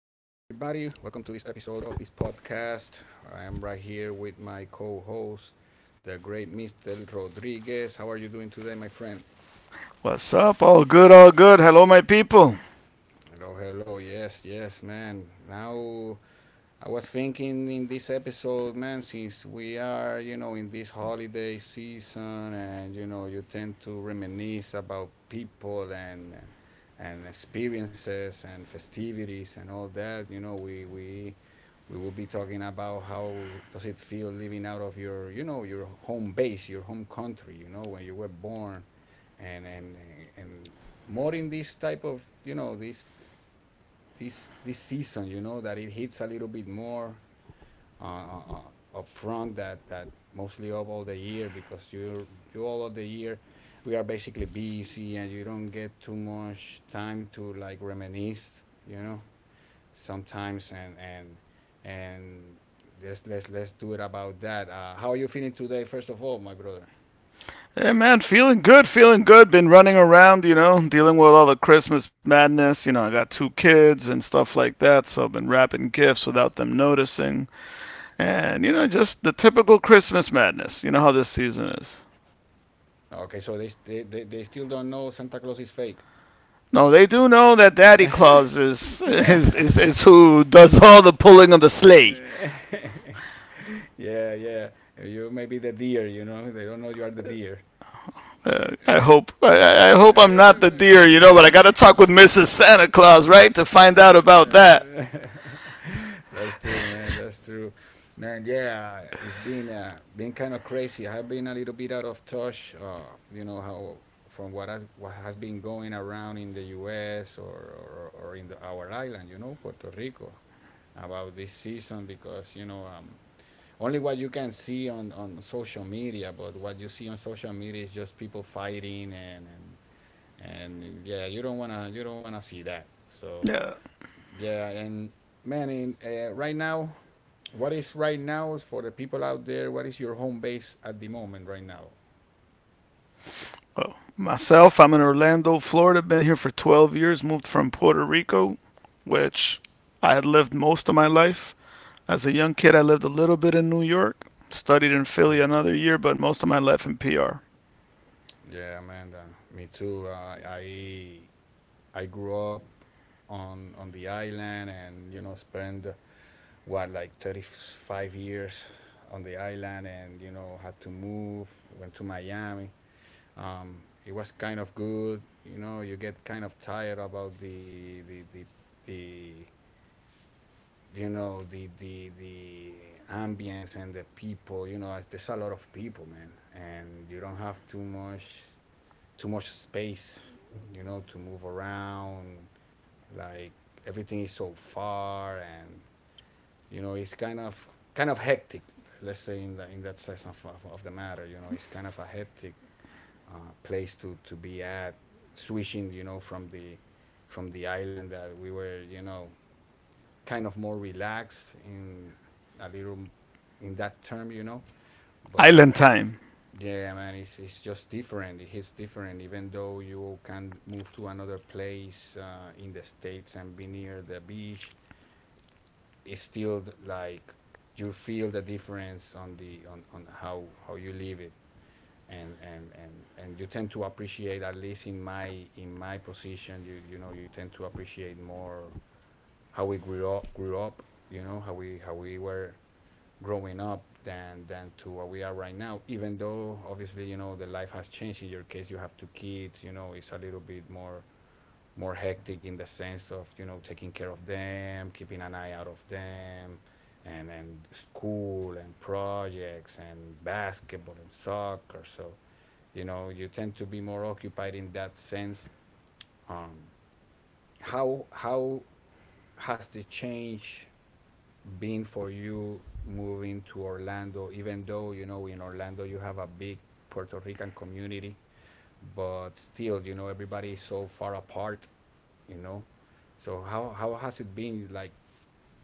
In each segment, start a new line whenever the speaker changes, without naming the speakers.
Welcome to this episode of this podcast. I am right here with my co host, the great Mr. Rodriguez. How are you doing today, my friend?
What's up? All good, all good. Hello, my people.
Hello, hello. Yes, yes, man. Now I was thinking in this episode, man, since we are, in this holiday season, and you tend to reminisce about people, and experiences and festivities and all that. We will be talking about how does it feel living out of your, your home base, your home country, when you were born and, and, and more in this type of, this season, that it hits a little bit more upfront. That mostly up all the year. Because you all of the year, we are basically busy, and you don't get too much time to like reminisce, sometimes. And let's do it about that. How are you feeling today, first of all, my brother?
Hey, man, feeling good, feeling good. Been running around, you know, dealing with all the Christmas madness. You know, I got two kids and stuff like that, so I've been wrapping gifts without them noticing. And, you know, just the typical Christmas madness. You know how this season is.
Okay, so they still don't know Santa Claus is fake.
No, they do know that Daddy Claus is who does all the pulling on the sleigh.
Yeah, yeah, you may be the deer. They don't know you are the deer.
I hope I hope I'm not the deer, you know, but I gotta talk with Mrs. Santa Claus, right, to find out about that.
That's true, man. That's true, man. Yeah, it's been kind of crazy. I've been a little bit out of touch. You know how from what has been going around in the U.S. or in our island, you know, Puerto Rico, about this season. Because only what you can see on social media, but what you see on social media is just people fighting, and yeah, you don't wanna see that. So
Yeah.
yeah. And man, right now, what is right now is for the people out there? What is your home base at the moment right now?
Well, myself, I'm in Orlando, Florida. Been here for 12 years. Moved from Puerto Rico, which I had lived most of my life. As a young kid, I lived a little bit in New York. Studied in Philly
Yeah,
another year, but most of my life in PR.
yeah, man. Me too. I grew up on the island, and spent what, like, 35 years on the island, and had to move, went to Miami. It was kind of good. You know, you get kind of tired about the the ambience and the people. You know, there's a lot of people, man, and you don't have too much space. You know, to move around. Like everything is so far, and you know, it's kind of hectic. Let's say in that sense of the matter. You know, it's kind of a hectic place to be at, switching, you know, from the island that we were, you know, kind of more relaxed in, a little, in that term, you know. But
Island time.
yeah, man, it's just different. It hits different. Even though you can move to another place in the states and be near the beach, it's still like you feel the difference on the on how you live it. And you tend to appreciate, at least in my position, you tend to appreciate more how we grew up, you know, how we were growing up, than to what we are right now. Even though obviously, the life has changed. In your case, you have two kids. You know, it's a little bit more hectic in the sense of, you know, taking care of them, keeping an eye out of them, and school and projects and basketball and soccer. So you know, you tend to be more occupied in that sense. um how has the change been for you, moving to Orlando? Even though, you know, in Orlando you have a big Puerto Rican community, but still, everybody is so far apart. You know, so how has it been, like,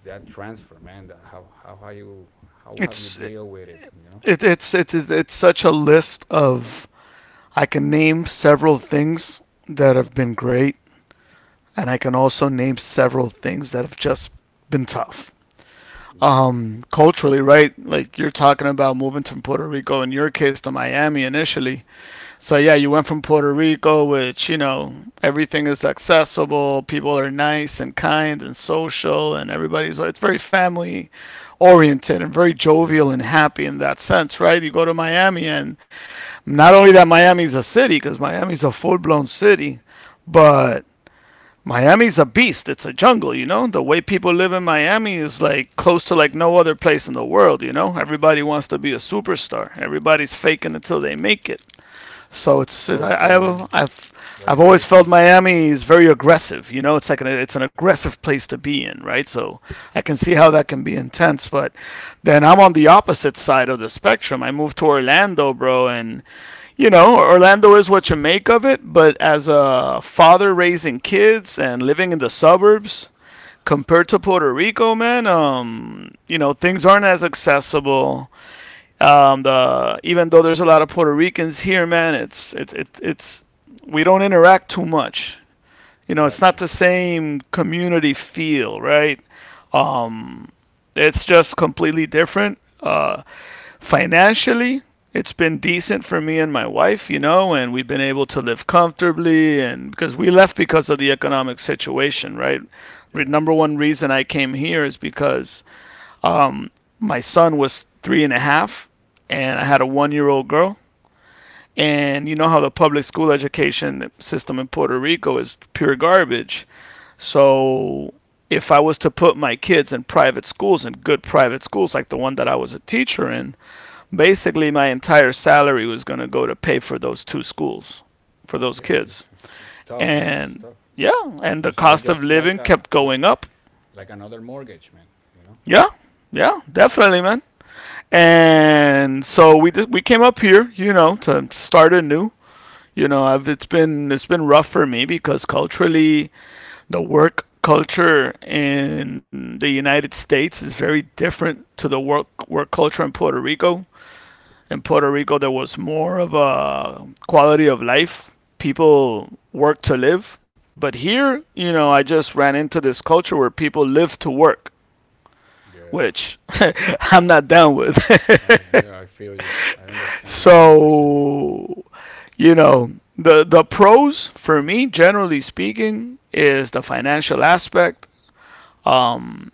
that transfer, man? That how have you
It's
deal with it,
it, it's such a list of I can name several things that have been great, and I can also name several things that have just been tough.
Yeah,
Culturally, right? Like you're talking about moving from Puerto Rico, in your case, to Miami initially. So yeah, you went from Puerto Rico, which, you know, everything is accessible, people are nice and kind and social, and everybody's it's very family oriented and very
yeah.
jovial and happy in that sense, right? You go to Miami, and not only that Miami's a city, because Miami's a full blown city, but Miami's a beast. It's a jungle, you know? The way people live in Miami is like close to like no other place in the world, you know? Everybody wants to be a superstar. Everybody's faking until they make it. So it's I,
So true, man.
I I've I've
That is
always
so
felt
true.
Miami is very aggressive. You know, it's like an it's an aggressive place to be in, right? So I can see how that can be intense. But then I'm on the opposite side of the spectrum. I moved to Orlando, bro, and you know, Orlando is what you make of it. But as a father raising kids and living in the suburbs, compared to Puerto Rico, man, you know, things aren't as accessible. The Even though there's a lot of Puerto Ricans here, man, it's we don't interact too much. You know, it's not the
Gotcha.
same community feel, right? Um, it's just completely different. Financially, it's been decent for me and my wife, you know, and we've been able to live comfortably. And because we left because of the economic situation, right?
Yeah,
Number one reason I came here is because um, my son was three and a half, and I had a 1 year old girl. And you know how the public school education system in Puerto Rico is pure garbage. So if I was to put my kids in private schools, in good private schools like the one that I was a teacher in, basically my entire salary was going to go to pay for those two schools, for those
yeah,
kids.
it's tough, man. It's
And
tough.
yeah, and the
It's
cost of
just
living
like
kept going up.
like another mortgage, man. You know.
Yeah, yeah,
But,
definitely, man. And so we just we came up here, you know, to start anew. You know, I've it's been rough for me because culturally the work culture in the United States is very different to the work culture in Puerto Rico. In Puerto Rico, there was more of a quality of life. People work to live, but here, you know, I just ran into this culture where people live to work,
yeah,
which I'm not down with.
I yeah I feel you. I understand 100%.
So, you know, the pros for me, generally speaking, is the financial aspect. Um,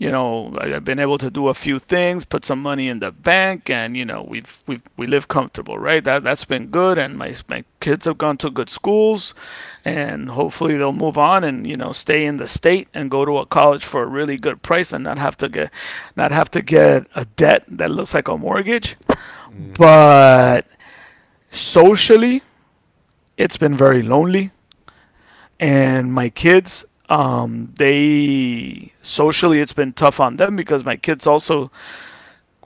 you know, I've been able to do a few things, put some money in the bank, and you know, we've we live comfortable, right? That's been good, and my kids have gone to good schools, and hopefully they'll move on and you know stay in the state and go to a college for a really good price and not have to get a debt that looks like a mortgage.
Mm-hmm.
But socially, it's been very lonely, and my kids, they socially, it's been tough on them because my kids also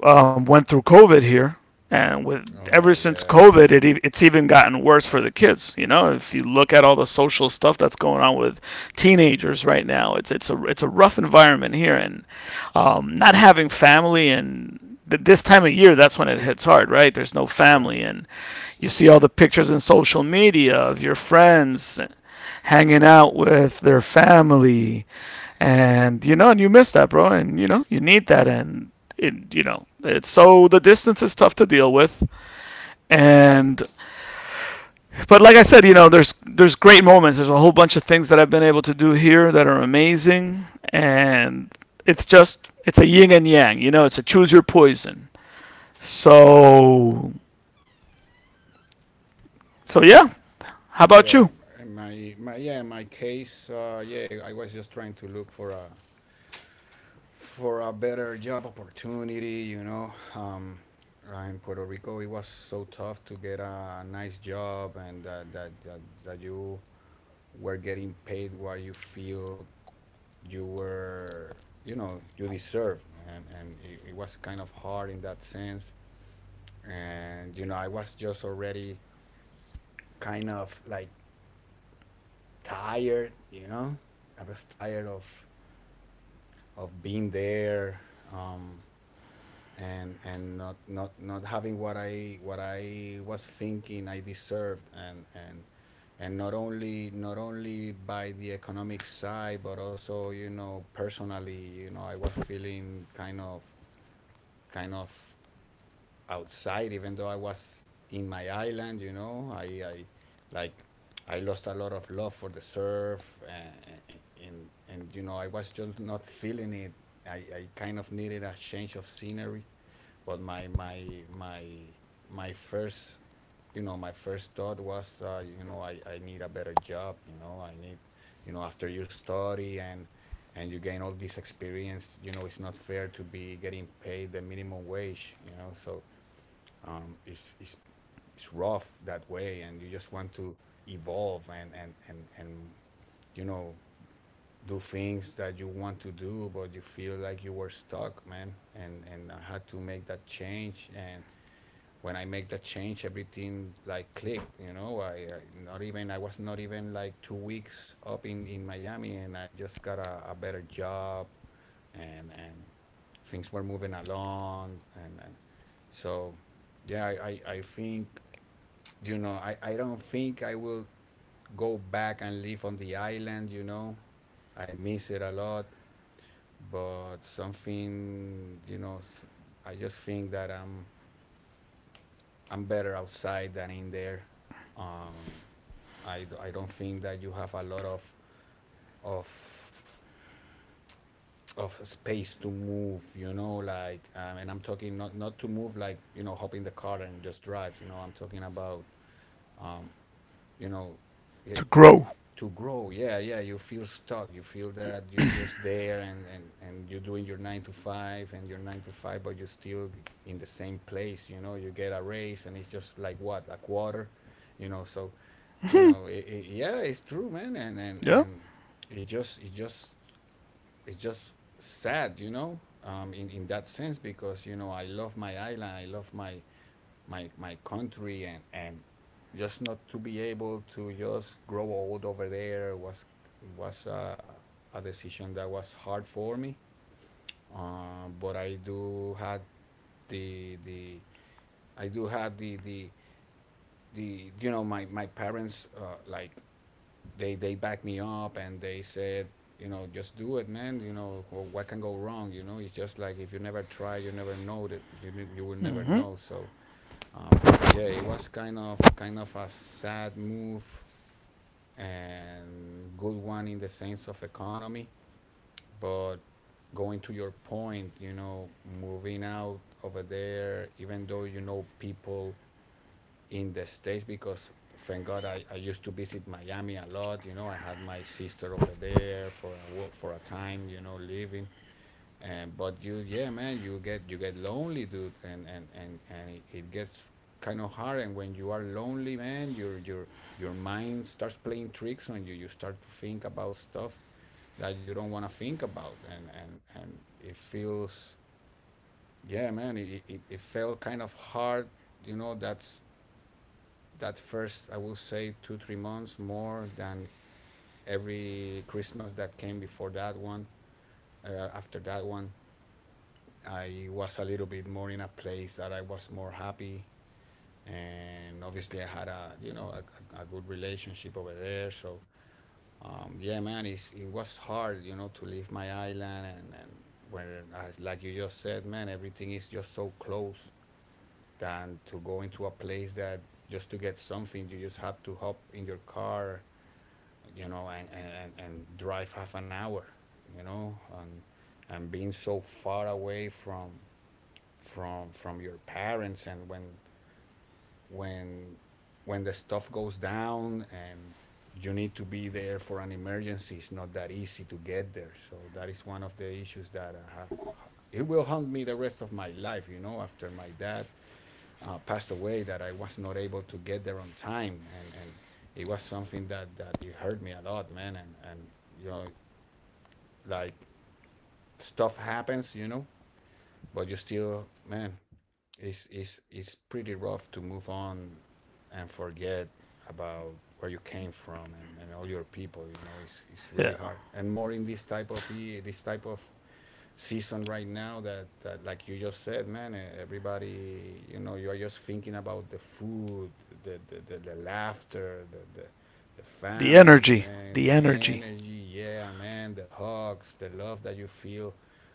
went through COVID here, and with ever
Oh
since
yeah, that's
COVID,
true.
it's even gotten worse for the kids. You know, if you look at all the social stuff that's going on with teenagers right now, it's it's a rough environment here, and not having family and this time of year, that's when it hits hard, right? There's no
Yeah.
family, and you see all the pictures in social media of your friends hanging out with their family, and you know, and you miss that, bro, and you know, you need that, and you know, it's so the distance is tough to deal with, and but like I said, you know, there's great moments. There's a whole bunch of things that I've been able to do here that are amazing, and it's just it's a yin and yang, you know, it's a choose your poison. So so yeah, how about you?
Yeah, and my case. Yeah, I was just trying to look for a better job opportunity. You know, in Puerto Rico, it was so tough to get a nice job, and that you were getting paid what you feel you were, you know, you deserve. And it was kind of hard in that sense. And you know, I was just already, kind of like, tired, I was tired of being there, um, and not having what I was thinking I deserved. And not only by the economic side, but also, personally, I was feeling kind of outside, even though I was in my island. You know, like I lost a lot of love for the surf, and I was just not feeling it. I kind of needed a change of scenery. But my first, my first thought was, I need a better job. You know, I need, you know, after you study and you gain all this experience, you know, it's not fair to be getting paid the minimum wage, you know. So um, it's, it's it's rough that way, and you just want to evolve, and you know do things that you want to do, but you feel like you were stuck, man. And I had to make that change, and when I make that change, everything, like, clicked, you know. I was not even like 2 weeks up in Miami, and I just got a better job, and things were moving along. And so yeah, I think, I don't think I will go back and live on the island. You know, I miss it a lot, but something, you know, I just think that I'm better outside than in there. Um i, d- I don't think that you have a lot of of space to move. You know, like, and I'm talking not to move, like, you know, hop in the car and just drive. You know, I'm talking about, um you know,
To
it,
grow,
to grow, yeah, yeah. You feel stuck. You feel that you're just there, and you're doing your nine to five and your nine to five, but you're still in the same place. You know, you get a raise, and it's just like, what, a quarter? You know, so you know, yeah, it's true, man. and and
yeah.
and it just it just it just sad, you know, in that sense. Because, you know, I love my island, I love my country. And just not to be able to just grow old over there was was a, a decision that was hard for me. But I do had the the i do had the the the my parents. Like, they backed me up, and they said, you know, just do it, man. You know, what can go wrong? You know, it's just like, if you never try, you never know that you will never
Mm-hmm.
know. So yeah, it was kind of a sad move, and good one in the sense of economy. But going to your point, you know, moving out over there, even though people in the states, because, thank God, I used to visit Miami a lot. You know, I had my sister over there for a time. You know, living. And But you, yeah, man, you get lonely, dude. And it gets kind of hard, and when you are lonely, man, your mind starts playing tricks on you. You start to think about stuff that you don't want to think about, and it feels yeah, man, it felt kind of hard, you know. That's that first, I will say, 2 or 3 months more than every Christmas that came before that one. After that one, I was a little bit more in a place that I was more happy, and obviously I had, a a good relationship over there. So yeah, man, it was hard, to leave my island, and when, as like you just said, man, everything is just so close. Than to go into a place that just to get something, you just have to hop in your car, and drive half an hour, you know, and and being so far away from your parents, and when when the stuff goes down and you need to be there for an emergency. It's not that easy to get there, so that is one of the issues that I have. It will haunt me the rest of my life, you know. After my dad passed away, that I was not able to get there on time, and it was something that it hurt me a lot, man. And, you know like, stuff happens. But you still, man, it's pretty rough to move on and forget about where you came from, and all your people. You know, it's
Yeah.
really hard, and more in this type of season right now, that, like you just said, man, everybody, you know, you are just thinking about the food, the laughter, the
The
family,
energy,
man,
the
the
energy.
energy, yeah, man, the hugs, the love that you feel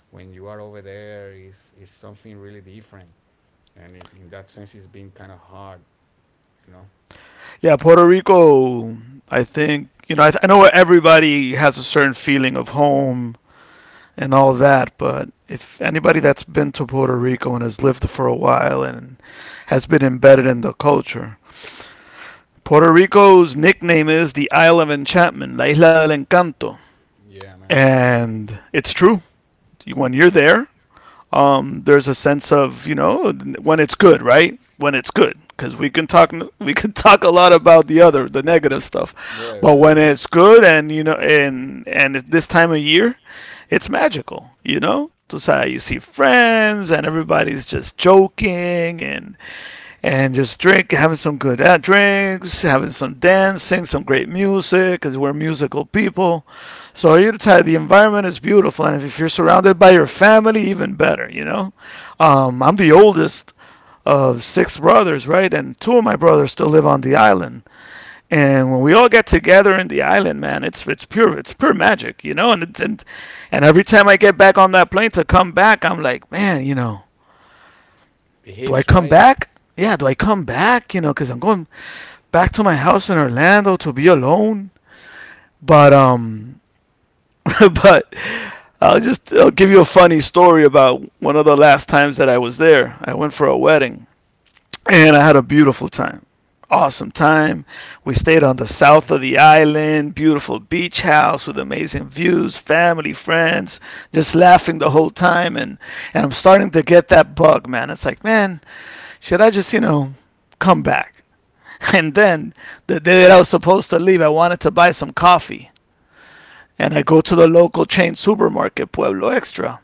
when you are over there is something really different. And in that sense, it's been kind of hard you know
Yeah, Puerto Rico. I think you know. I know everybody has a certain feeling of home and all that, but if anybody that's been to Puerto Rico and has lived for a while and has been embedded in the culture, Puerto Rico's nickname is the Isle of Enchantment, La Isla del Encanto,
yeah, man.
and it's true. When you're there, there's a sense of you know when it's good, right? When it's good, because we can talk we can talk a lot about the other the negative stuff,
Yeah,
but
yeah.
when
Yeah.
it's good and you know and this time of year it's magical, you know. So you see friends and everybody's just joking and just drink, having some good drinks, having some dancing, some great music, because we're musical people. So Utah, the environment is beautiful, and if you're surrounded by your family, even better. You know, I'm the oldest of six brothers, right? And two of my brothers still live on the island. And when we all get together in the island, man, it's it's pure magic, you know. And every time I get back on that plane to come back, I'm like, man, you know,
It
do I
hits
come
right.
back? Yeah, do I come back? You know, because I'm going back to my house in Orlando to be alone. But but I'll give you a funny story about one of the last times that I was there. I went for a wedding, and I had a beautiful time, awesome time. We stayed on the south of the island, beautiful beach house with amazing views, family, friends, just laughing the whole time. And I'm starting to get that bug, man. It's like, man, should I just you know come back? And then, the day that I was supposed to leave, I wanted to buy some coffee. And I go to the local chain supermarket, Pueblo Extra.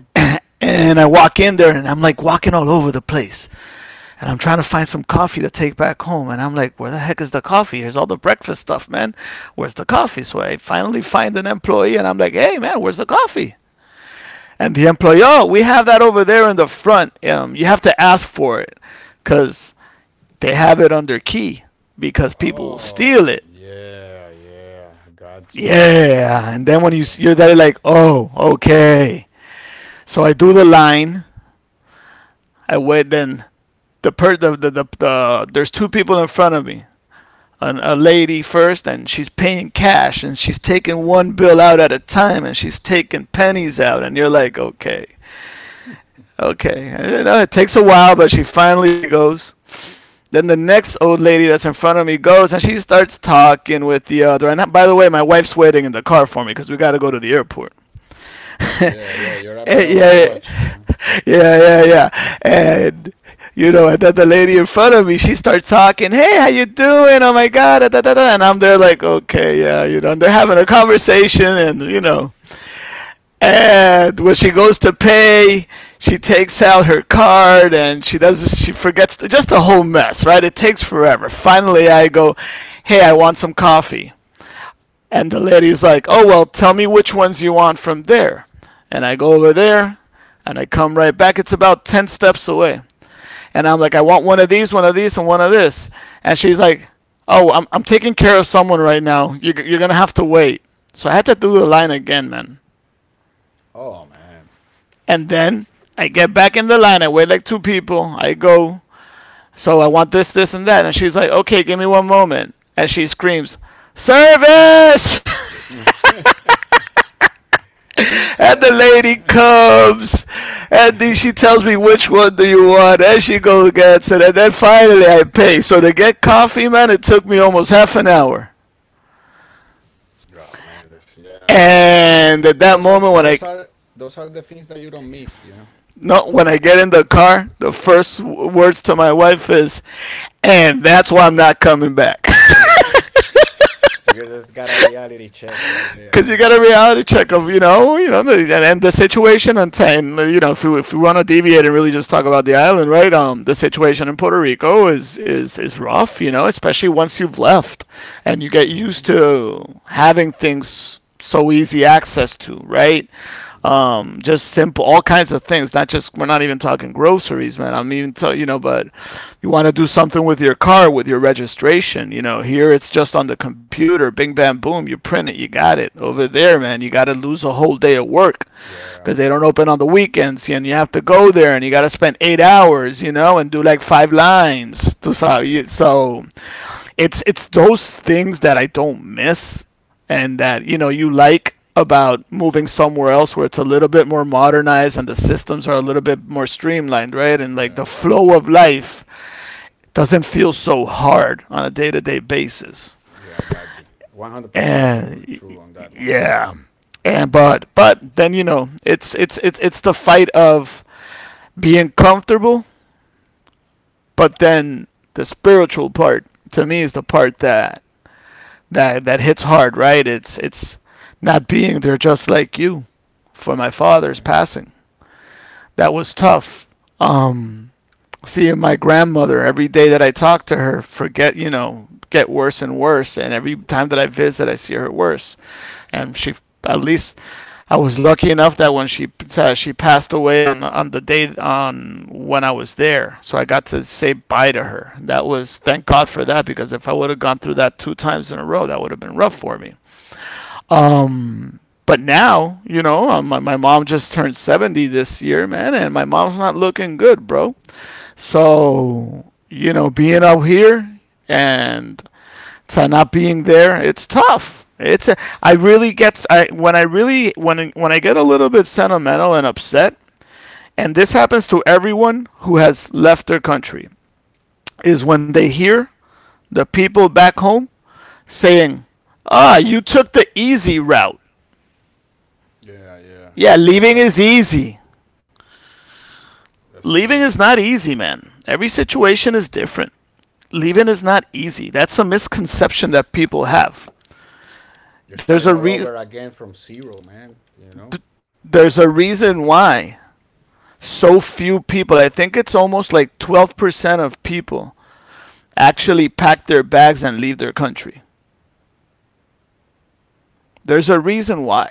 And I walk in there and I'm like walking all over the place. And I'm trying to find some coffee to take back home. And I'm like, where the heck is the coffee? Here's all the breakfast stuff, man. Where's the coffee? So I finally find an employee and I'm like, hey, man, where's the coffee? And the employee, oh, we have that over there in the front. You have to ask for it because they have it under key because people will
Oh,
steal it.
yeah, yeah. I got you.
Yeah, and then when
Yeah.
you're there, like, oh, okay. So I do the line. I wait. Then the per the there's two people in front of me. A lady first, and she's paying cash, and she's taking one bill out at a time, and she's taking pennies out, and you're like, okay, okay. And, you know, it takes a while, but she finally goes. Then the next old lady that's in front of me goes, and she starts talking with the other. And by the way, my wife's waiting in the car for me because we got to go to the airport.
Yeah, yeah. You're a
Yeah,
bit of a
yeah,
rush, you know.
yeah, yeah, yeah. And you know, and then the lady in front of me, she starts talking. Hey, how you doing? Oh my god, da, da, da, da. And I'm there like, okay, yeah, you know. And they're having a conversation, and you know, and when she goes to pay, she takes out her card, and she does, she forgets, just a whole mess, right? It takes forever. Finally, I go, hey, I want some coffee. And the lady's like, "Oh, well, tell me which ones you want from there." And I go over there and I come right back. It's about 10 steps away. And I'm like, "I want one of these, and one of this." And she's like, "Oh, I'm taking care of someone right now. You're going to have to wait." So I had to do the line again, man.
Oh, man.
And then I get back in the line. I wait like two people. I go, "So I want this, this, and that." And she's like, "Okay, give me one moment." And she screams, "Service!" And the
Oh, man.
lady comes, and she tells me, "Which one do you want?", and she goes gets it, and then finally I pay. So to get coffee, man, it took me almost half an hour.
Oh, man, this, yeah.
And at that
Those are
moment, when
those
I
are those are the things that you don't miss.
no, when I get in the car, the first words to my wife is, "And that's why I'm not coming back."
You guys just got a reality check right there,
Because
man.
you got a reality check of, you know, you know the, and the situation, and you know, if we want to deviate and really just talk about the island, right? The situation in Puerto Rico is rough, you know, especially once you've left and you get
Hmm.
used to having things so easy access to, right?
Yeah.
Just simple, all kinds of things. Not just, we're not even talking groceries, man. I'm even tell you know, but you want to do something with your car, with your registration. You know, here it's just on the computer. Bing, bam, boom. You print it, you got it. Over there, man, you got to lose a whole day at work
Yeah.
because they don't open on the weekends, and you have to go there and you got to spend 8 hours, you know, and do like five lines. So it's those things that I don't miss and that, you know, you like about moving somewhere else, where it's a little bit more modernized and the systems are a little bit more streamlined, right? And like the flow of life doesn't
Of
feel so
life.
hard on a day-to-day basis.
Yeah, I got you. 100%. Sure,
And
true on that one, man.
yeah. And but then, you know, it's the fight of being comfortable, but then the spiritual part, to me, is the part that that hits hard, right? It's not being there, just like you, for my father's passing. That was tough. Um, seeing my grandmother every day that I talk to her, forget, you know, get worse and worse, and every time that I visit, I see her worse. And she, at least I was lucky enough that when she passed away on the day on when I was there, so I got to say bye to her. That was, thank God for that, because if I would have gone through that two times in a row, that would have been rough for me. Um, but now, you know, my mom just turned 70 this year, man, and my mom's not looking good, bro. So, you know, being out here and to not being there, it's tough. It's a, I really get I when I really when I get a little bit sentimental and upset, and this happens to everyone who has left their country, is when they hear the people back home saying, "Ah, you took the easy route."
Me. Yeah, yeah.
Yeah,
Like,
leaving is easy.
that's
Leaving
true.
is
Living.
not easy, man. Every situation is different. Leaving is not easy. That's a misconception that people have.
You're
There's
starting
a
all
re-
over again from zero, man. You know?
th- there's a reason why so few people, I think it's almost like 12% of people actually pack their bags and leave their country. There's a reason why.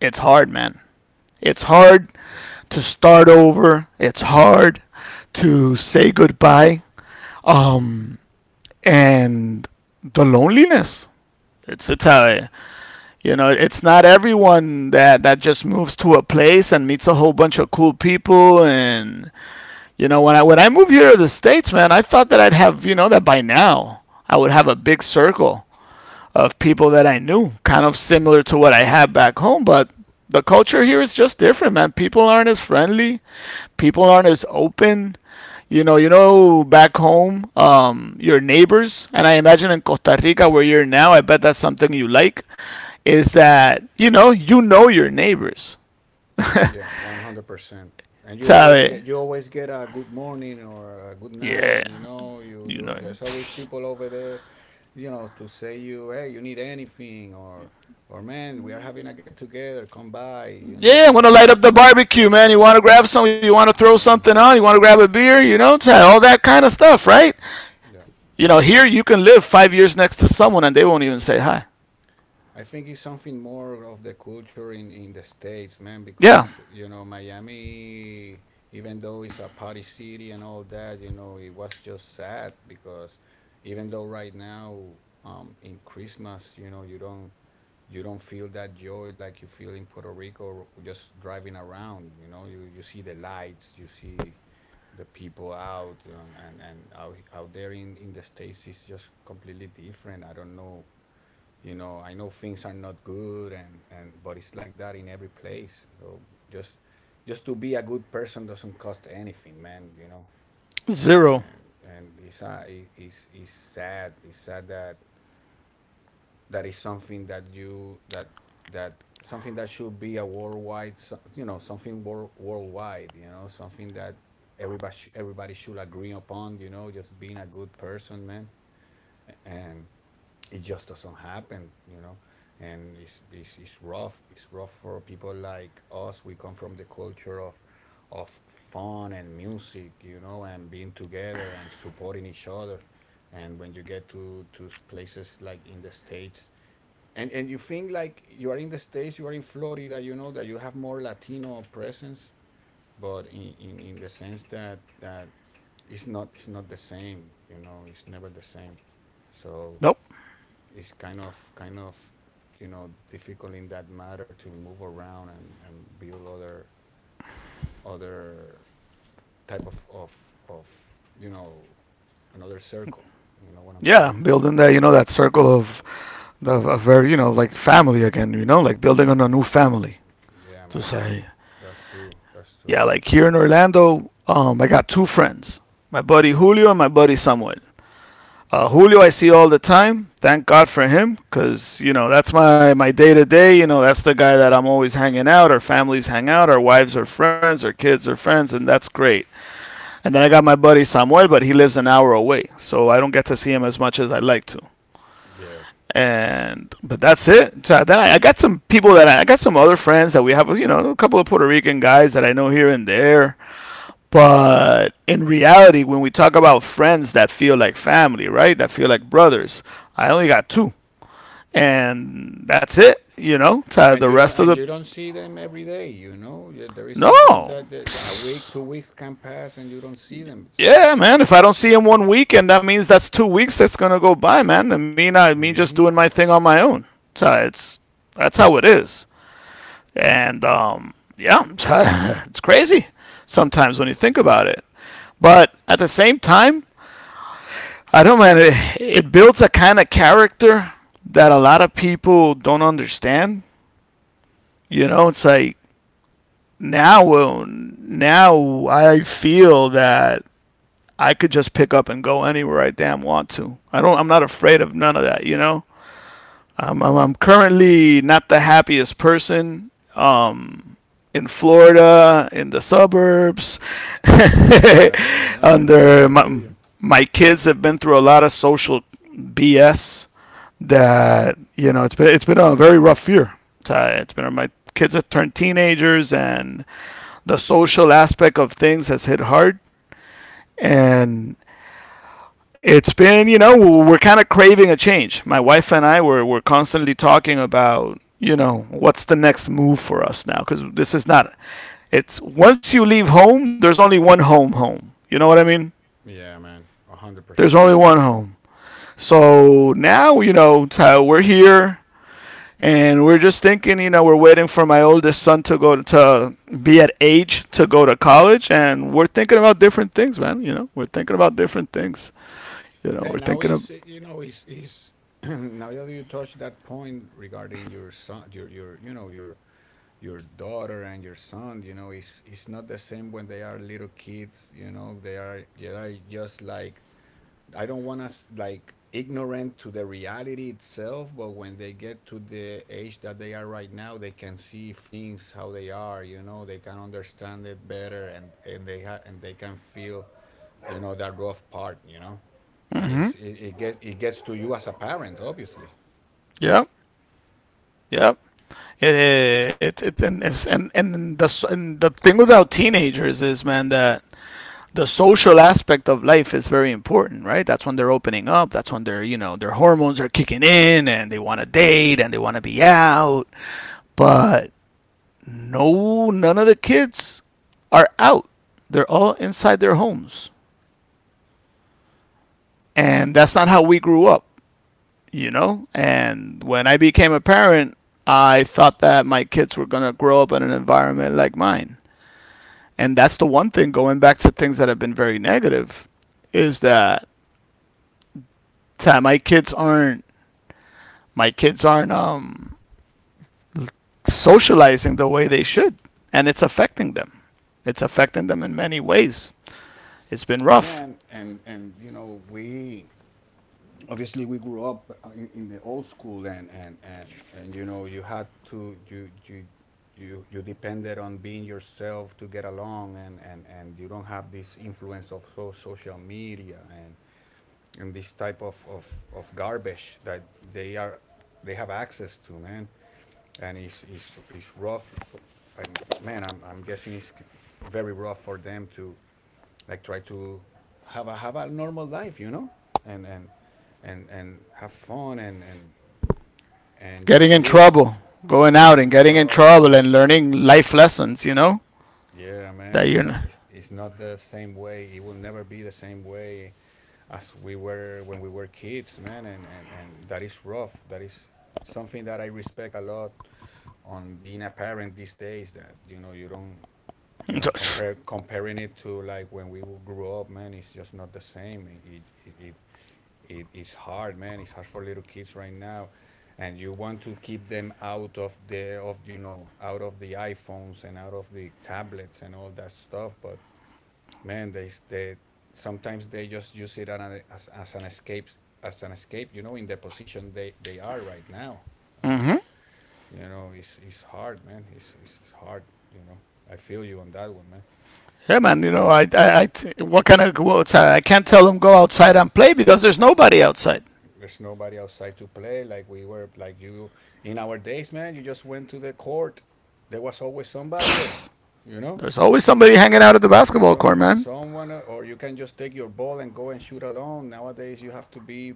It's
Yeah,
hard,
man.
man.
It's
It's
hard.
hard
Yeah.
to start over. It's hard to say goodbye.
Hmm.
Um and the loneliness. It's it's
Yeah, man.
a You know, it's not everyone that, just moves to a place and meets a whole bunch of cool people. And you know, when I moved here to the states, man, I thought that I'd have, you know, that by now I would have a big circle of people that I knew, kind of similar to what I had back home. But the culture here is just different, man. People aren't as friendly. People aren't as open. You know, back home, your neighbors, and I imagine in Costa Rica where you're now, I bet that's something you like is that, you know your neighbors.
Yeah, 100%. And you always get
¿Sabe?
you always get a good morning or a good night.
Yeah,
You know, you
you
you
know.
there's always people over there, you know, to say, you, hey, you need anything, or, man, we are having a get together, come by, you know.
Yeah, I'm going
But
to light up the barbecue, man. You want to grab some, you want to throw
yeah,
something on, you want to grab a beer, you know, all that kind of stuff, right?
yeah.
You know, here you can live 5 years next to someone and they won't even say hi.
I think it's something more of the culture in the States, man,
Yeah,
because, you know, Miami, even though it's a party city and all that, you know, it was just sad. Because even though right now, in Christmas, you know, you don't feel that joy like you feel in Puerto Rico just driving around, you know, you see the lights, you see the people out, and out there in the States is just completely different. I don't know. You know, I know things are not good, and, but it's like that in every place. So just to be a good person doesn't cost anything, man.
zero.
And and it's sad, that that is something that you, that, that something that should be a worldwide, you know, something, worldwide, you know, something that everybody should agree upon, you know. Just being a good person, man. And it just doesn't happen. And it's rough. It's rough for people like us. We come from the culture of fun and music, you know, and being together and supporting each other. And when you get to places like in the States, and you think like you are in the States, you are in Florida, you know, that you have more Latino presence, but in the sense that it's not the same, you know. It's never the same. So
Nope.
it's kind of, you know, difficult in that matter to move around, and build other type of, you know, another circle. You know what I'm
Yeah,
saying?
building that, you know, that circle of, of very, you know, like family again, you know, like building on a new family.
Yeah,
To
man,
say,
that's true, that's true.
yeah, like here in Orlando, I got two friends, my buddy Julio and my buddy Samuel. Julio, I see all the time. Thank God for him, because you know that's my day to day. You know that's the guy that I'm always hanging out. Our families hang out. Our wives are friends. Our kids are friends, and that's great. And then I got my buddy Samuel, but he lives an hour away, so I don't get to see him as much as I would like to.
Yeah,
And but that's it. So then I got some people that I got some other friends that we have. You know, a couple of Puerto Rican guys that I know here and there, but in reality, when we talk about friends that feel like family, right? That feel like brothers, I only got two. And that's it, you know? To
and
the
you don't
rest of the.
and you don't see them every day. Yeah, there is sometimes
No!
that a week,
Psst.
2 weeks can pass and you don't see them. So
Yeah, man. If I don't see him one weekend, that means that's 2 weeks that's going to go by, man. I mean, me just doing
hmm.
my thing on my own. So it's. That's how it is. And, yeah, it's crazy
It's
sometimes when you think
crazy, yeah.
about it.
Yeah,
But at the same time, I don't know, man. It builds a kind of character that a lot of people don't understand. You know, it's like now, well, now I feel that I could just pick up and go anywhere I damn want to. I don't. I'm not afraid of none of that. You know, I'm currently not the happiest person. Um, in Florida, in the suburbs,
yeah, yeah, no, I feel you,
under
I feel
my,
you.
my kids have been through a lot of social BS that, you know, it's been a very rough year. Ty. It's been, my kids have turned teenagers, and the social aspect of things has hit hard. And it's been, you know, we're kind of craving a change. My wife and I were we're constantly talking about, you know, what's the next move for us now, because this is not, it's once you leave home, there's only one home home, you know what I mean?
Yeah, man, a hundred
There's
percent.
only one home. So now, you know, Ty, we're here and we're just thinking, you know, we're waiting for my oldest son to go to, be at age to go to college, and we're thinking about different things, man. You know, we're thinking about different things. You know,
Yeah,
we're
now
thinking of,
he's, you know, he's now that you touched that point regarding your son, your, you know, your daughter and your son, you know, it's not the same when they are little kids. You know, they are just like, I don't want us, like, ignorant to the reality itself, but when they get to the age that they are right now, they can see things how they are. You know, they can understand it better. And and they can feel, you know, that rough part. You know, and it gets to you as a parent, obviously.
yeah, yeah. It's and the thing without teenagers is, man, that the social aspect of life is very important, right? That's when they're opening up. That's when they're, you know, their hormones are kicking in and they want to date and they want to be out. But no, none of the kids are out. They're all inside their homes. And that's not how we grew up, you know? And when I became a parent, I thought that my kids were going to grow up in an environment like mine. And that's the one thing, going back to things that have been very negative, is that my kids aren't my kids aren't socializing the way they should, and it's affecting them. It's affecting them in many ways. It's been
Yeah,
rough.
and you know, we obviously we grew up in the old school, and you know, you had to, you depended on being yourself to get along. And you don't have this influence of social media, and this type of garbage that they are they have access to, man. And it's rough. And, man, I'm guessing it's very rough for them to, like, try to have a normal life, you know, and and and have fun, and
Getting
just
in
live,
trouble, going out
getting
and
in
getting in trouble
trouble.
and learning life lessons, you know,
Yeah, man,
that you're
it's not the same way. It will never be the same way as we were when we were kids, man, and that is rough. That is something that I respect a lot on being a parent these days. That, you know,
not.
compare comparing it to, like, when we grew up, man. It's just not the same. It is hard, man. It's hard for little kids right now, and you want to keep them out of the of you know out of the iPhones and out of the tablets and all that stuff. But, man, they sometimes they just use it on as an escape, you know, in the position they are right now. And, you know, it's hard, man. It's hard, you know. I feel you on that one, man.
Yeah,
I
man, you
feel
know,
you on that one.
I, what kind of go outside? I can't tell them go outside and play because there's nobody outside.
There's nobody outside to play. Like we were, like you, in our days, man. You just went to the court. There was always somebody there, you know.
There's always somebody hanging out at the basketball court,
Someone,
man.
someone, or you can just take your ball and go and shoot alone. Nowadays, you have to be,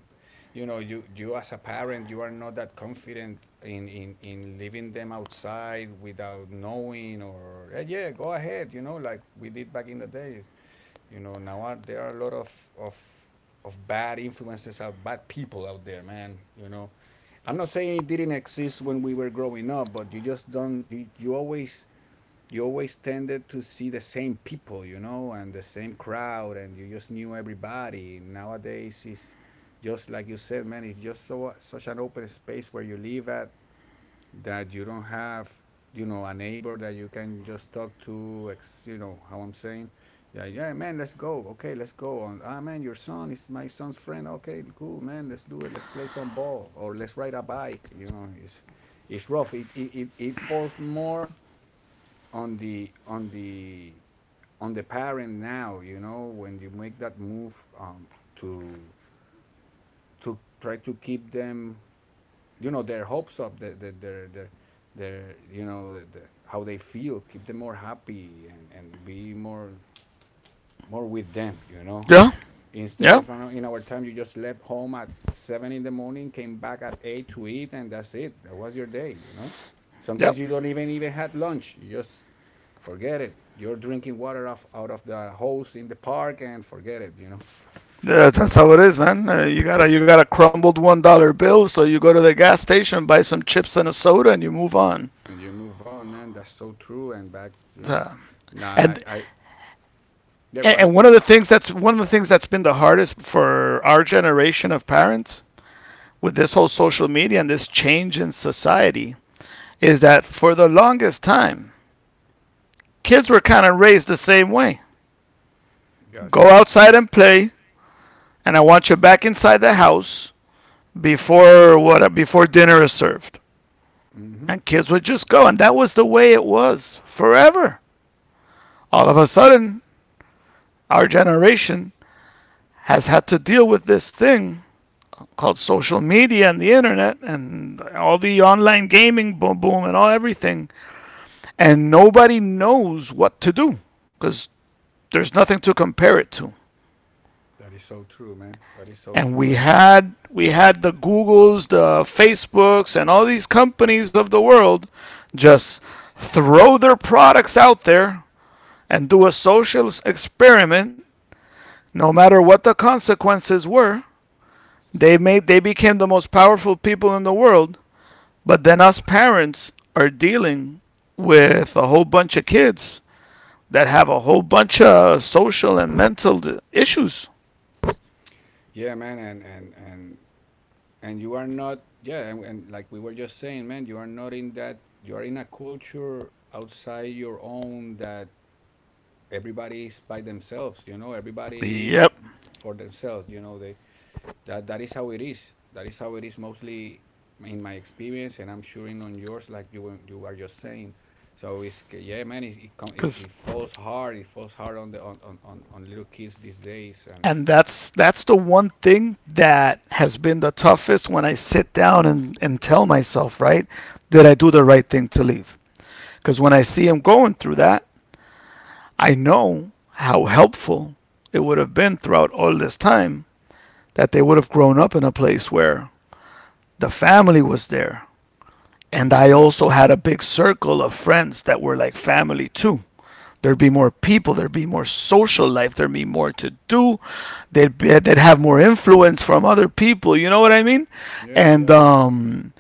you know, you as a parent, you are not that confident in leaving them outside without knowing. Or, "Eh, yeah, go ahead, you know, like we did back in the days." You know, there are a lot of of bad influences out, bad people out there, man. You know, I'm not saying it didn't exist when we were growing up, but you just don't. You always tended to see the same people, you know, and the same crowd, and you just knew everybody. Nowadays, it's just like you said, man. It's just so, such an open space where you live at, that you don't have, you know, a neighbor that you can just talk to. You know how I'm saying? Yeah, yeah, man. Let's go. Okay, let's go. On. Ah, man, your son is my son's friend. Okay, cool, man. Let's do it. Let's play some ball, or let's ride a bike. You know, it's rough. It falls more on the parent now, you know, when you make that move, to to try to keep them, you know, their hopes up, their, you know, how they feel, keep them more happy, and be more with them.
Yeah,
Instead,
yeah,
if in our time you just left home at 7 in the morning, came back at 8 to eat, and that's it. That was your day, you know. Sometimes
yeah.
you don't even had lunch. You just forget it. You're drinking water off out of the hose in the park, and forget it.
Yeah,
So,
that's how it is, man. You got a crumbled $1 bill, so you go to the gas station, buy some chips and a soda, and you move on.
and you move on, man. That's so true. And back.
Uh,
Nah, I,
and
I yeah. Go ahead.
and one of the things that's been the hardest for our generation of parents with this whole social media and this change in society is that for the longest time, kids were kind of raised the same way.
Yeah, it's
Go
so true.
outside and play, and I want you back inside the house before what before dinner is served.
Mm-hmm.
And kids would just go, and that was the way it was forever. All of a sudden, our generation has had to deal with this thing called social media and the internet and all the online gaming boom boom and all everything. And nobody knows what to do, because there's nothing to compare it to.
That is so true, man. That is so
And
true,
we
and
had we had the Googles, the Facebooks, and all these companies of the world just throw their products out there and do a social experiment, no matter what the consequences were. They became the most powerful people in the world, but then us parents are dealing with a whole bunch of kids that have a whole bunch of social and mental issues.
yeah, man, and you are not yeah and like we were just saying, man, you are not in that. You are in a culture outside your own, that everybody is by themselves, you know. Everybody is
Yep,
for themselves, you know. They that that is how it is. That is how it is, mostly, in my experience, and I'm sure in on yours, like you you are just saying. So it's yeah, man,
because
it falls hard. It falls hard on the on little kids these days. And
and that's the one thing that has been the toughest when I sit down and, tell myself, right, did I do the right thing to leave? Because when I see him going through that, I know how helpful it would have been throughout all this time, that they would have grown up in a place where the family was there. And I
mhm.
also had a big circle of friends that were like family too. There'd be more people. There'd be more social life. There'd be more to do. They'd have more influence from other people. You know what I mean?
Yeah,
And
yeah.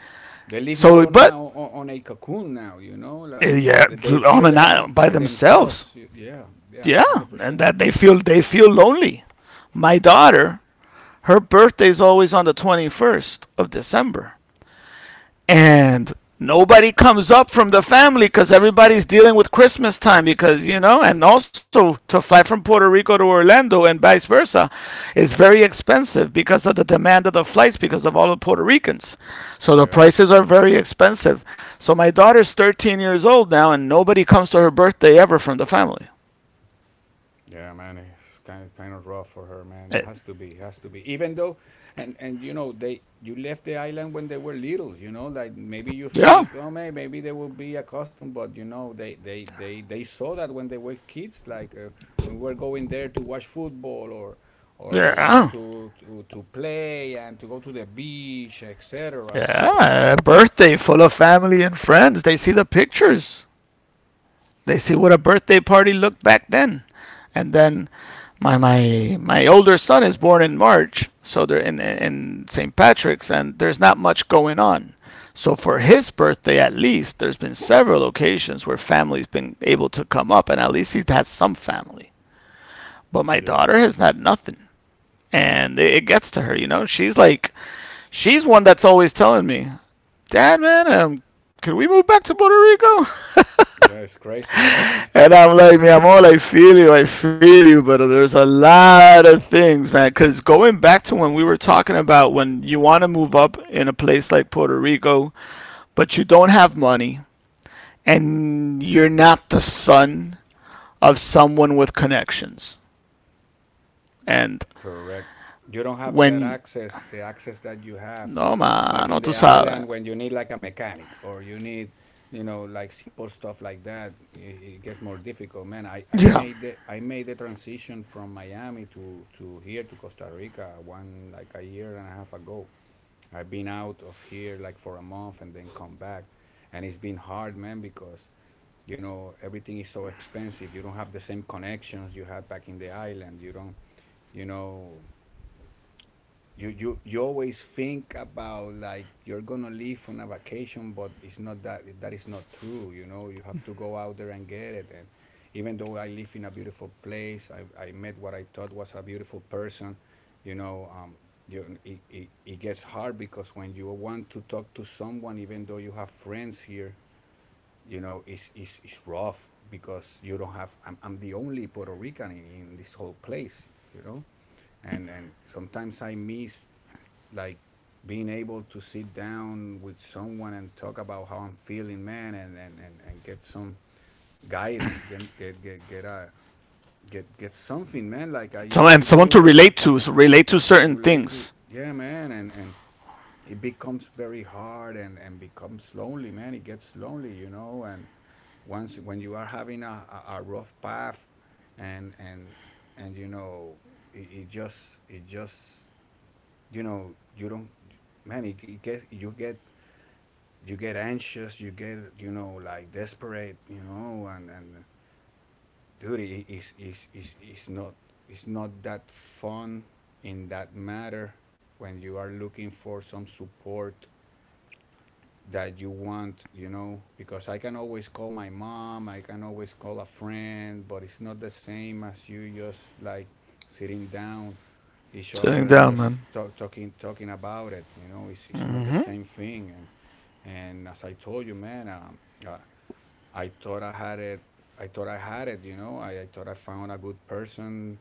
They live more on a
but
on a cocoon now, you know, like
yeah,
that they
on
feel
and
they are
on by
by
themselves.
themselves. Yeah, yeah,
Yeah,
hundred
and
percent.
that they feel lonely. My daughter, her birthday's always on the 21st of December, and nobody comes up from the family because everybody's dealing with Christmas time, because you know, and also to fly from Puerto Rico to Orlando and vice versa is very expensive because of the demand of the flights because of all the Puerto Ricans. So the
Yeah.
prices are very expensive. So my daughter's 13 years old now, and nobody comes to her birthday ever from the family.
Yeah, man, it's kind of rough for her, man. It
Eh,
has to be. It has to be. Even though, and you know, they, you left the island when they were little, you know. Like maybe you
Yeah,
think, oh, man, maybe they will be accustomed, but you know, they saw that when they were kids, like when we were going there to watch football or you know
yeah,
to play and to go to the beach, etc. So
yeah. Birthday full of family and friends. They see the pictures. They see what a birthday party looked back then, and then my older son is born in March, so they're in St. Patrick's, and there's not much going on. So for his birthday, at least, there's been several occasions where family's been able to come up, and at least he's had some family. But my
yeah.
daughter has had nothing, and it gets to her. You know, she's like, she's one that's always telling me, "Dad, man, could we move back to Puerto Rico?"
Yeah, it's crazy, right, man?
And I'm like,
Crazy.
man, I feel you, but there's a lot of things, man. Because going back to when we were talking about, when you want to move up in a place like Puerto Rico, but you don't have money and you're not the son of someone with connections. And
Correct. You don't have that
when,
access, the access that you have
no,
back in
mano, tú
the
sabes.
island when you need like a mechanic, or you need, you know, like simple stuff like that. It gets more difficult, man.
Yeah.
I made the transition from Miami to here to Costa Rica one like a year and a half ago. I've been out of here like for a month and then come back. And it's been hard, man, because you know everything is so expensive. You don't have the same connections you had back in the island. You don't, you know, you always think about like you're gonna leave on a vacation, but it's not that. That is not true. You know, you have to go out there and get it. And even though I live in a beautiful place, I met what I thought was a beautiful person. You know, you, it gets hard because when you want to talk to someone, even though you have friends here, you know, it's rough because you don't have. I'm the only Puerto Rican in this whole place. You know, and sometimes I miss like being able to sit down with someone and talk about how I'm feeling, man, and get some guidance, get a get get something, man, like I
Some,
used
and
to
someone to
do
relate to, so relate to certain
relate to.
things.
Yeah, man, and it becomes very hard, and becomes lonely, man. It gets lonely, you know, and once when you are having a rough path and and and you know it just you know you don't man, it gets you get anxious. You get you know like desperate, you know, and dude, it is not. It's not that fun in that matter when you are looking for some support that you want, you know, because I can always call my mom, I can always call a friend, but it's not the same as you just like sitting down each
Sitting
other and
down, man.
just talking about it, you know. It's not the same thing. And as I told you, man, uh, I thought I had it. I thought I had it, you know. I thought I found a good person.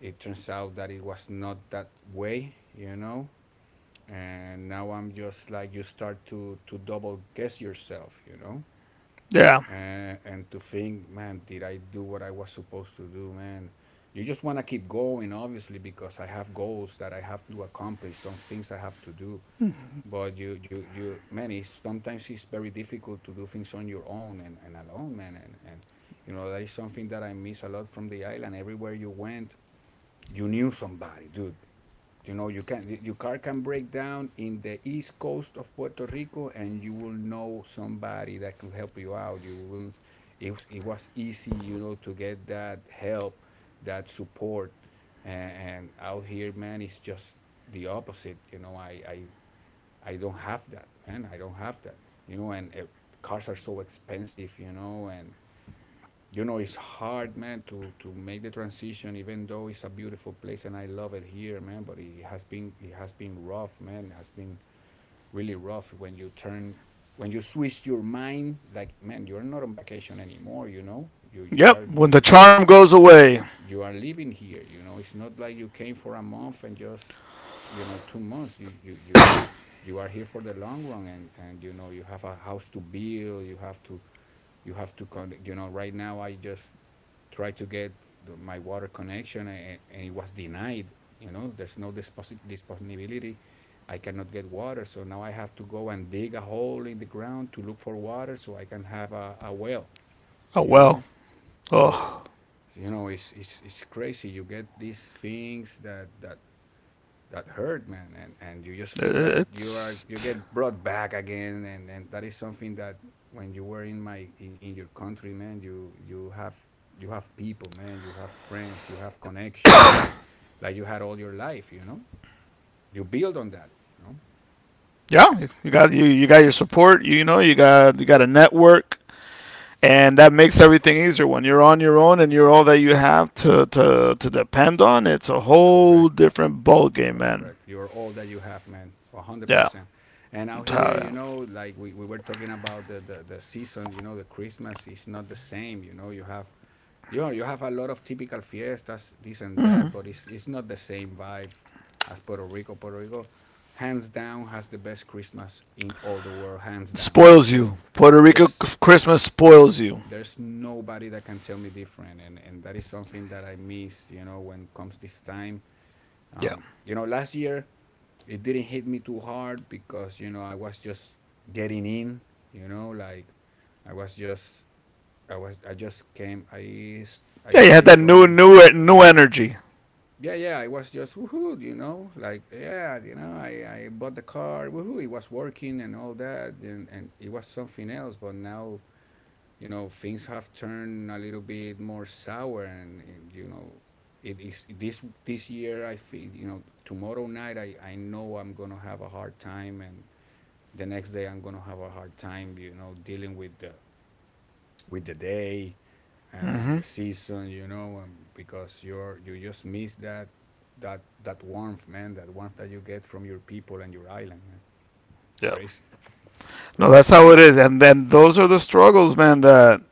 It turns out that it was not that way, you know, and now I'm just like you start to double guess yourself, you know,
Yeah.
and to think, man, did I do what I was supposed to do, man? You just want to keep going, obviously, because I have goals that I have to accomplish. Some things I have to do, but you, man, it's, sometimes it's very difficult to do things on your own, and alone, man, and you know that is something that I miss a lot from the island. Everywhere you went you knew somebody, dude. You know, you can your car can break down in the east coast of Puerto Rico, and you will know somebody that can help you out. You will. It was easy, you know, to get that help, that support, and out here, man, it's just the opposite. You know, I don't have that, man. I don't have that. You know, and cars are so expensive, you know, and you know it's hard, man, to make the transition, even though it's a beautiful place and I love it here, man. But it has been, it has been rough, man. It has been really rough when you turn, when you switch your mind like, man, you're not on vacation anymore, you know.
Yep. When the charm goes away.
You are living here, you know. It's not like you came for a month and just you know two months. You are here for the long run, and you know you have a house to build. You have to you have to connect, you know. Right now I just try to get the, my water connection, and it was denied. You know, there's I cannot get water, so now I have to go and dig a hole in the ground to look for water so I can have a well.
Oh,
You
well.
know,
Oh.
so you know it's crazy. You get these things that that hurt, man, and you just feel that you are
It's
you get brought back again, and that is something that when you were in my in your country, man, you you have people, man. You have friends, you have connections like you had all your life, you know. You build on that, you know.
yeah, you got your support. You know, you got a network, and that makes everything easier. When you're on your own and you're all that you have to to depend on, it's a whole
Correct.
different ball game, man.
Correct. You're all that you have, man.
Yeah,
100%. And out
that's
here, you
yeah.
know, like we were talking about the season, you know, the Christmas is not the same, you know. You have you know, you have a lot of typical fiestas, this and that, but it's not the same vibe as Puerto Rico. Puerto Rico, hands down, has the best Christmas in all the world, hands down.
Spoils
There's
you. Puerto Rico
there's
Christmas spoils you.
there's nobody that can tell me different, and that is something that I miss. You know, when comes this time,
Yeah,
you know, last year it didn't hit me too hard, because you know I was just getting in. You know, like I was just I just came I
yeah, you had
stayed
that
from
new energy.
yeah, yeah, I was just woohoo, you know, like yeah, you know, I bought the car, woohoo, it was working and all that, and it was something else. But now, you know, things have turned a little bit more sour, and you know, it is this year. I feel, you know, tomorrow night, I know I'm gonna have a hard time, and the next day I'm gonna have a hard time, you know, dealing with the day and
Hmm.
the season, you know. And because you're you just miss that that that warmth, man, that warmth that you get from your people and your island, man.
Yeah,
Crazy,
no,
crazy,
that's
man.
how it is, and then those are the struggles, man. That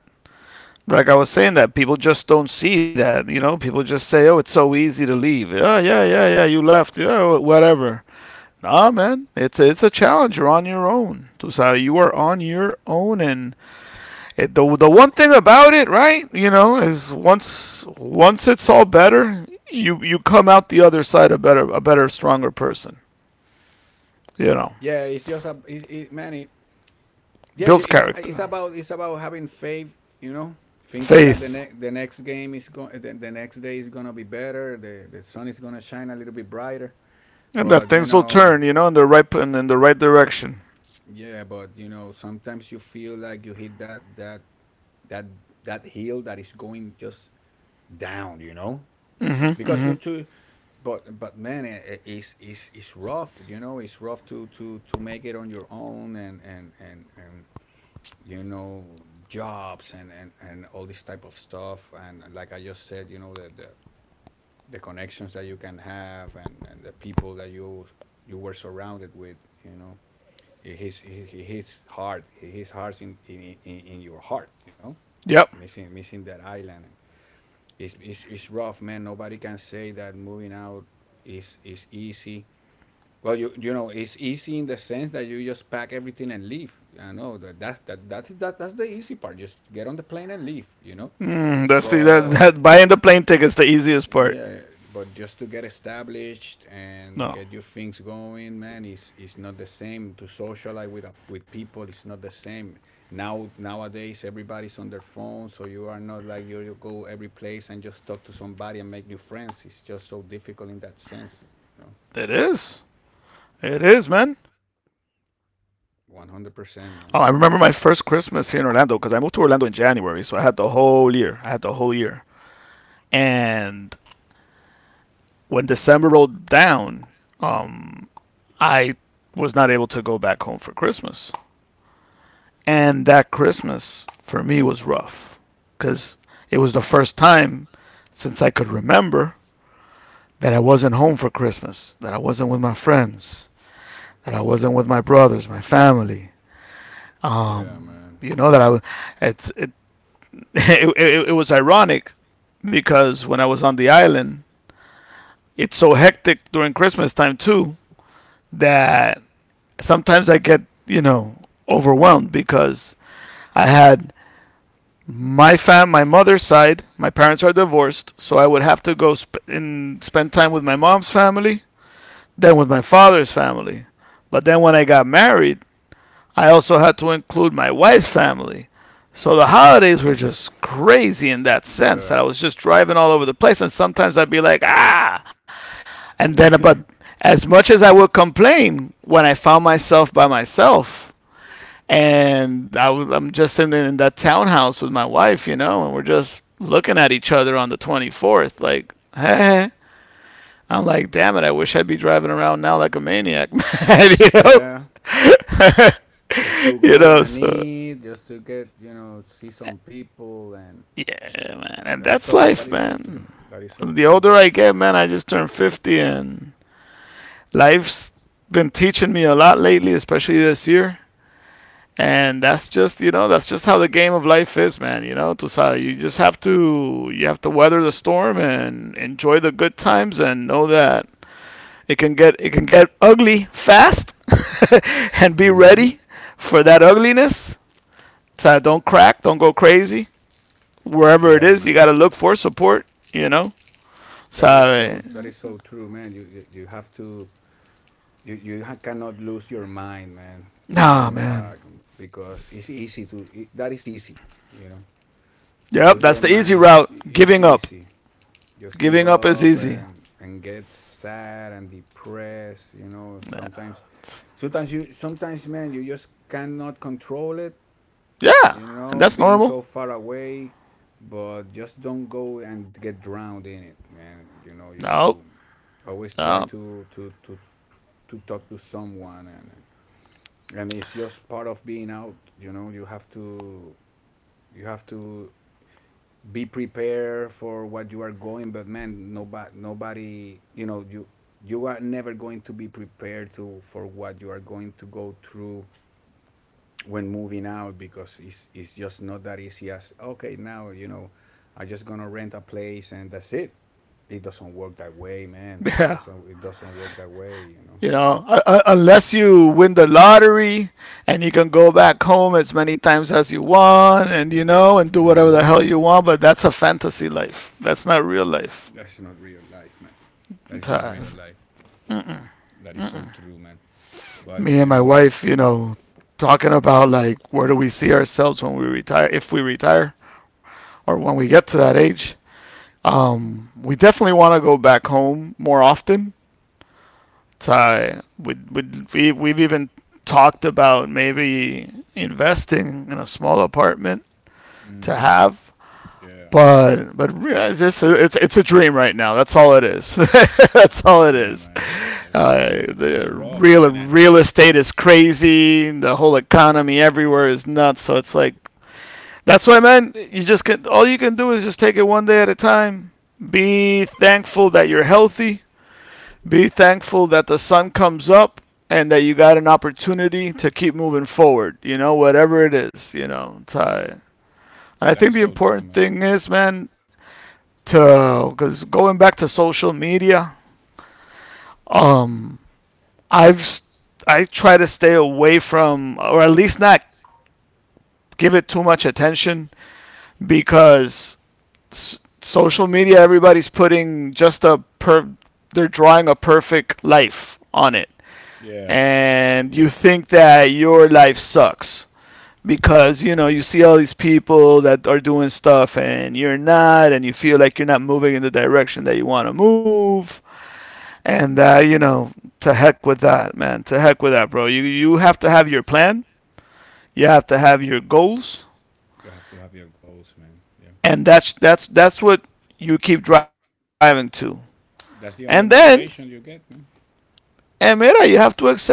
like I was saying, that people just don't see that. You know, people just say, "Oh, it's so easy to leave." Oh, yeah, yeah, yeah. You left. Yeah, whatever. Nah, man. It's a challenge. You're on your own. Tu you are on your own, and it, the one thing about it, right? You know, is once it's all better, you come out the other side a better stronger person. You know,
Yeah, it's just a man. Yeah,
builds
it's
character,
it's about having faith, you know, thinking that
faith,
the next game is going the next day is gonna be better. The sun is gonna shine a little bit brighter.
and that
But you
things will
know,
turn. You know, in the right direction.
yeah, but you know, sometimes you feel like you hit that that hill that is going just down, you know,
Hmm.
because
Hmm.
to but, man, it's rough, you know. It's rough to make it on your own, and and you know jobs, and and all this type of stuff, and like I just said, you know the connections that you can have, and the people that you were surrounded with, you know. It hits, it hits hard. It hits hard in your heart, you know,
Yep.
missing, missing that island. It's, it's rough, man. Nobody can say that moving out is easy. Well, you know, it's easy in the sense that you just pack everything and leave. I know that that's that's the easy part. Just get on the plane and leave. You know,
Mm, that's
but
that buying the plane ticket's the easiest part.
yeah, but just to get established and
No,
get your things going, man, is not the same. To socialize with a, with people, it's not the same. Nowadays everybody's on their phone, so you are not like you go every place and just talk to somebody and make new friends. It's just so difficult in that sense, you know.
it is. It is, man. Oh, I remember my first
One
Christmas here in
hundred
Orlando,
percent,
because I
man.
moved to Orlando in January, so I had the whole year. And when December rolled down, um, I was not able to go back home for Christmas, and that Christmas for me was rough, because it was the first time since I could remember that I wasn't home for Christmas, that I wasn't with my friends, that I wasn't with my brothers, my family.
Yeah, man.
You know that I was. It's it, it. It was ironic because when I was on the island, it's so hectic during Christmas time too that sometimes I get, you know, overwhelmed because I had my mother's side. My parents are divorced, so I would have to go sp- and spend time with my mom's family than with my father's family. But then when I got married, I also had to include my wife's family. So the holidays were just crazy in that sense that
Yeah.
I was just driving all over the place, and sometimes I'd be like, ah, and then but as much as I would complain, when I found myself by myself, and I'm just in that townhouse with my wife, you know, and we're just looking at each other on the 24th, like, hey. I'm like, damn it, I wish I'd be driving around now like a maniac, man. You know?
Yeah. Just to
You
go
know,
and
so
eat, just to see some people and
yeah, man. And that's
That
life,
is so true.
man.
That is so
The
true.
older
But
I get, man, I just turned 50, and life's been teaching me a lot lately, especially this year. And that's just, you know, that's just how the game of life is, man. You know, Tusada, you just you have to weather the storm and enjoy the good times and know that it can get ugly fast and be
hmm
ready for that ugliness. So don't crack, don't go crazy. Wherever it
yeah,
is,
man,
you got to look for support, you know?
that is so. that
So,
is so true, man. You have to. You cannot lose your mind, man. You know,
nah,
like,
man.
because it's easy to. That is easy. You know, to
Yep,
lose
that's
your
the easy
mind is
route.
is
Giving up.
easy. Just give
Giving up is
up
easy.
and get sad and depressed. You know, sometimes,
It's,
sometimes you sometimes, man, you just cannot control it you
yeah,
know,
and that's
being so
normal.
far away, but just don't go and get drowned in it. And
No,
you always try
no.
to talk to someone, and it's just part of being out. You know, you have to you have to be prepared for what you are going. But, man, nobody, you are never going to be prepared to for what you are going to go through when moving out, because it's just not that easy as, okay, now, I'm just gonna rent a place and that's it. It doesn't work that way, man. It
Yeah.
doesn't it doesn't work that way.
You know, unless you win the lottery and you can go back home as many times as you want and, you know, and do whatever the
hmm
hell you want, but that's a fantasy life. That's not real life.
That's not real life, man. That
It's,
is not
uh,
real
it's-
life. That is so true, man. But
Me and
you
my
know,
wife,
it's
you know, talking about like, where do we see ourselves when we retire, if we retire, or when we get to that age. We definitely want to go back home more often. So we've even talked about maybe investing in a small apartment to
hmm
have.
yeah.
But yeah, it's just- it's a dream right now. That's all it is. That's all it
Yeah,
is.
man, it's it's it's,
The
it's rough, man.
real estate is crazy. The whole economy everywhere is nuts. So it's like that's why, man. You just can all you can do is just take it one day at a time. Be thankful that you're healthy. Be thankful that the sun comes up and that you got an opportunity to keep moving forward. You know, whatever it is. You know, It's, and I
That is
think the
so true,
important
man.
thing is, man, to because going back to social media, um, I try to stay away from, or at least not give it too much attention, because social media, everybody's putting just they're drawing a perfect life on it,
Yeah,
and you think that your life sucks because, you know, you see all these people that are doing stuff and you're not, and you feel like you're not moving in the direction that you want to move. And you know, to heck with that, man. To heck with that, bro. You have to have your plan. You have to have your goals,
you have to have your goals, man. Yeah.
and that's what you keep driving to. And
That's the
then,
only motivation you get, man.
and mira, you have to accept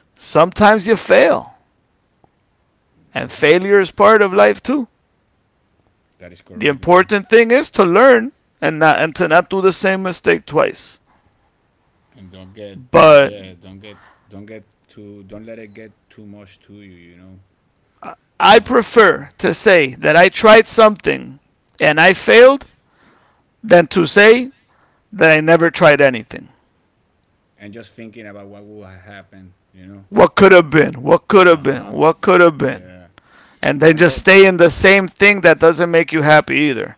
sometimes you fail, and
Mm-hmm.
failure is part of life too.
That is
The
correct, man.
important thing is to learn and not and to not do the same mistake twice.
And don't get, don't
But
yeah, don't let it get too much to you, you know.
I
Um,
prefer to say that I tried something and I failed than to say that I never tried anything.
and just thinking about what will happen.
What could have been? What could
Uh
have been?
huh.
What could have been?
Yeah.
And then
And
just
that
stay in the same thing that doesn't make you happy either.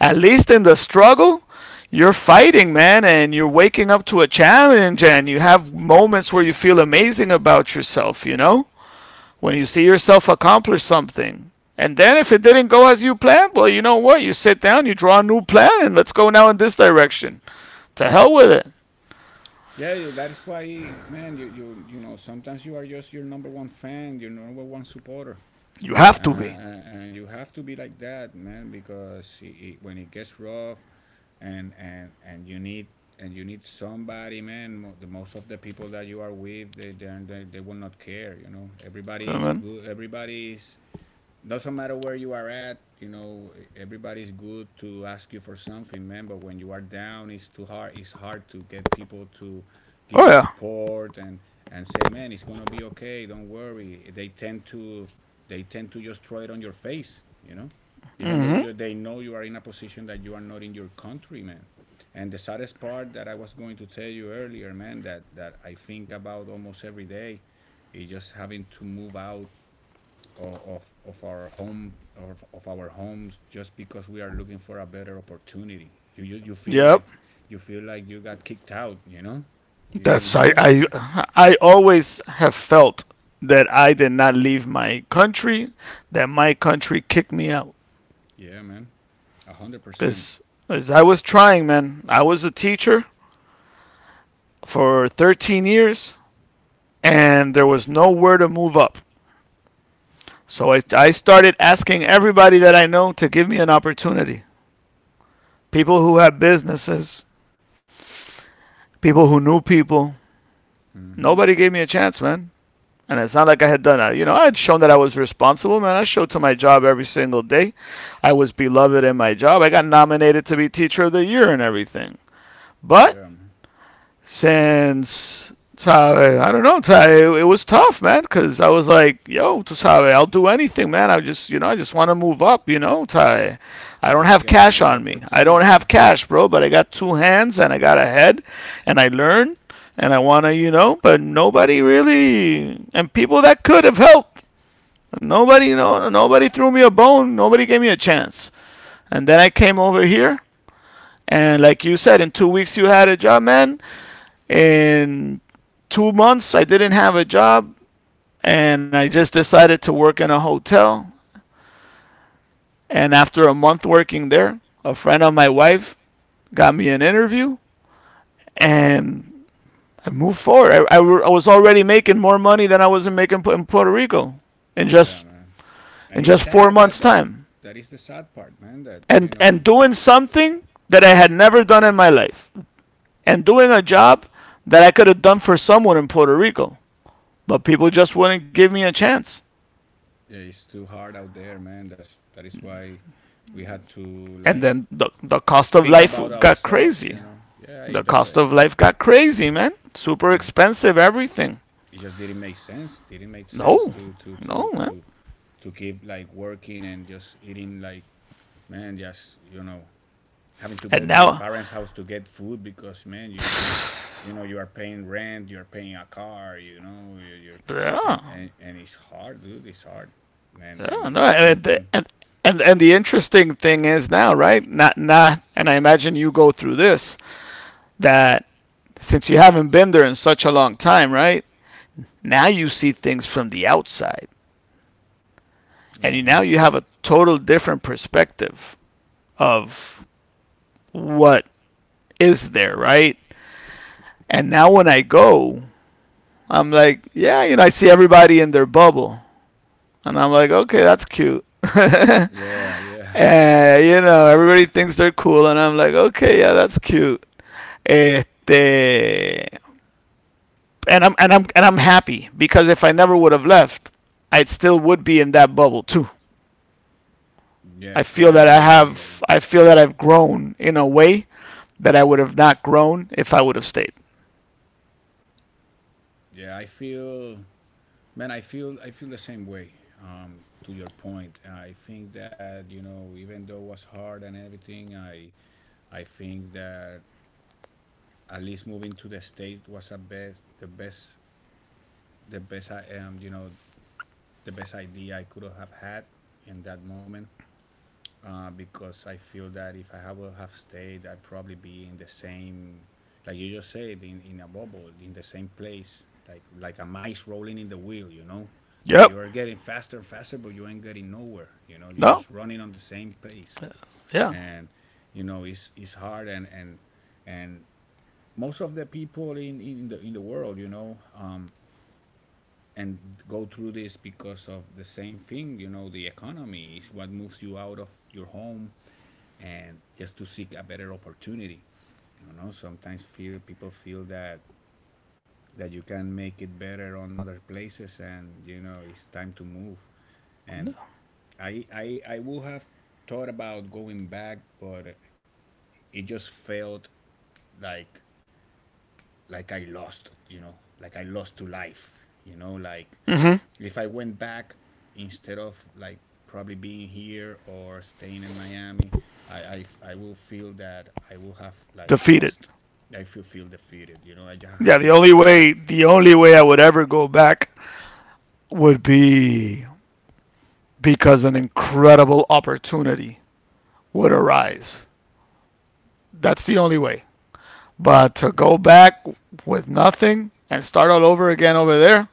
At least in the struggle, you're fighting, man, and you're waking up to a challenge and you have moments where you feel amazing about yourself, you know? When you see yourself accomplish something. And then if it didn't go as you planned, well, you know what? You sit down, you draw a new plan, and let's go now in this direction. To hell with it.
Yeah, yeah, that is why, man. Sometimes you are just your number one fan, your number one supporter.
You have to be.
And you have to be like that, man, because when it gets rough, and you need somebody, man. The most of the people that you are with, they will not care. Everybody is
You.
good, everybody's it doesn't matter where you are at. You know, everybody's good to ask you for something, man. But when you are down, it's too hard. It's hard to get people to
Oh,
give you
yeah.
support and say, man, it's gonna be okay. Don't worry. They tend to just throw it on your face, you know, even though they know you are in a position that you are not in your country, man. And the saddest part that I was going to tell you earlier, man, that that I think about almost every day is just having to move out of our home, of our homes, just because we are looking for a better opportunity. You, you you feel
Yep.
like you feel like you got kicked out. You know, you
That's
know.
I always have felt that I did not leave my country, that my country kicked me out
Yeah, man, 100%.
because as I was trying, man, I was a teacher for 13 years and there was nowhere to move up. So I started asking everybody that I know to give me an opportunity. People who had businesses, people who knew people.
Mm-hmm.
Nobody gave me a chance, man. And it's not like I had done that. You know, I had shown that I was responsible, man. I showed to my job every single day. I was beloved in my job. I got nominated to be Teacher of the Year and everything. But
Yeah, man.
since Tave. I don't know, Tave. It was tough, man, because I was like, yo, to Tave, I'll do anything, man. I just, I just want to move up, you know, Tave. I don't
Just
have
get
cash
another
on me. I don't
opportunity.
have cash, bro, but I got two hands and I got a head and I learn and I want to, you know, but nobody really, and people that could have helped. Nobody, you know, nobody threw me a bone. Nobody gave me a chance. And then I came over here, and like you said, in 2 weeks you had a job, man, in 2 months, I didn't have a job and I just decided to work in a hotel. And after a month working there, a friend of my wife got me an interview and I moved forward. I was already making more money than I was making in Puerto Rico in
Yeah,
just
man. And
in
it's
just four
sad that
months'
that
time,
that is the sad part, man. That, you
and
know.
doing something that I had never done in my life, and doing a job that I could have done for someone in Puerto Rico, but people just wouldn't give me a chance.
Yeah, it's too hard out there, man. That is why we had to,
And
like,
then the cost of
think
life
about
got
ourselves,
crazy.
you know. Yeah, it
The
does.
cost of
it,
life got crazy, man. Super
it
expensive, everything.
just didn't make sense,
No,
to to
no,
to
man.
to to keep, like, working and just eating, like, man, just, having to go
And
to your
now,
parents' house to get food, because, man, you know, you are paying rent, you're paying a car, you know, you're
yeah,
and it's hard, dude, it's hard.
yeah,
Man, and
no.
it's something.
And, and the interesting thing is now, right? Not, not, and I imagine you go through this, that since you haven't been there in such a long time, right? Now you see things from the outside. And you,
Uh-huh.
now you have a total different perspective of what is there, right? And now when I go, I'm like, yeah, you know, I see everybody in their bubble. And I'm like, okay, that's cute. And,
Yeah, yeah.
you know, everybody thinks they're cool. And I'm like, okay, yeah, that's cute. Este, and I'm happy because if I never would have left, I still would be in that bubble too.
Yeah, probably.
I feel that I've grown in a way that I would have not grown if I would have stayed.
Yeah, I feel, man, I feel, the same way. To your point, I think that, you know, even though it was hard and everything, I think that at least moving to the states was a best, the best, the best I am, you know, the best idea I could have had in that moment. Because I feel that if I would have stayed, I'd probably be in the same, like you just said, in a bubble, in the same place, like a mice rolling in the wheel, you know. Like, you
Yep.
are getting faster and faster, but you ain't getting nowhere. You know, you're
No.
just running on the same place,
Yeah.
and, you know, it's hard. And and most of the people in the world, you know, and go through this because of the same thing. You know, the economy is what moves you out of your home and just to seek a better opportunity. You know, sometimes feel people feel that, that you can make it better on other places, and, you know, it's time to move. And
No.
I will have thought about going back, but it just felt like like I lost. You know, like I lost to life, you know, like, if I went back instead of, like, probably being here or staying in Miami, I, I, I will feel that I will have, like,
Defeated.
lost. I feel defeated. You know, I just
Yeah,
had to go back.
the only way I would ever go back would be because an incredible opportunity would arise. That's the only way. But to
Yeah.
go back with nothing and start all over again over there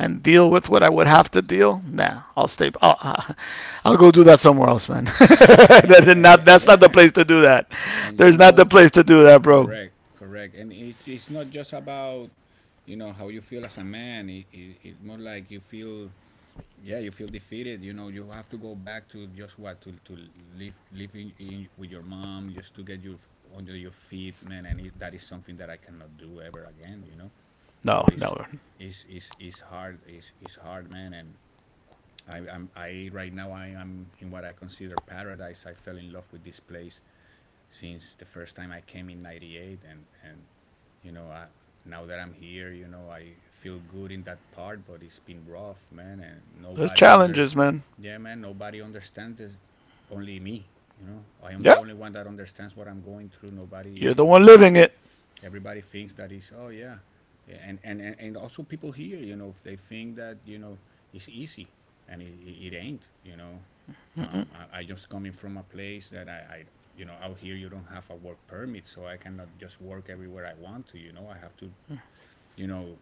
and deal with what I would have to deal, nah, I'll stay. I'll, I'll go do that somewhere else, man.
And, you- and, and, and yeah,
That's not the
yeah.
place to do that.
and you
There's not the
know,
place to do that, bro.
correct, correct. And it's not just about, you know, how you feel as a man. It's more like you feel. Yeah. You feel defeated. You know, you have to go back to just what to live in with your mom, just to get you under your feet, man. And that is something that I cannot do ever again you know
No,
so it's
no.
it's it's, it's hard, it's hard, man. And I, I'm I right now I am in what I consider paradise. I fell in love with this place since the first time I came in '98, and you know, now that I'm here, you know, I feel good in that part, but it's been rough, man, and
There's challenges, man.
yeah, man, nobody understands this, only me. You know, I am
Yeah,
the only one that understands what I'm going through.
you're
Nobody.
the one
everybody,
living it.
everybody thinks that is, oh yeah, yeah, and also people here, you know, they think that, you know, it's easy, and it ain't. You know, I just coming from a place that you know, out here you don't have a work permit, so I cannot just work everywhere I want to, you know. I have to, you know,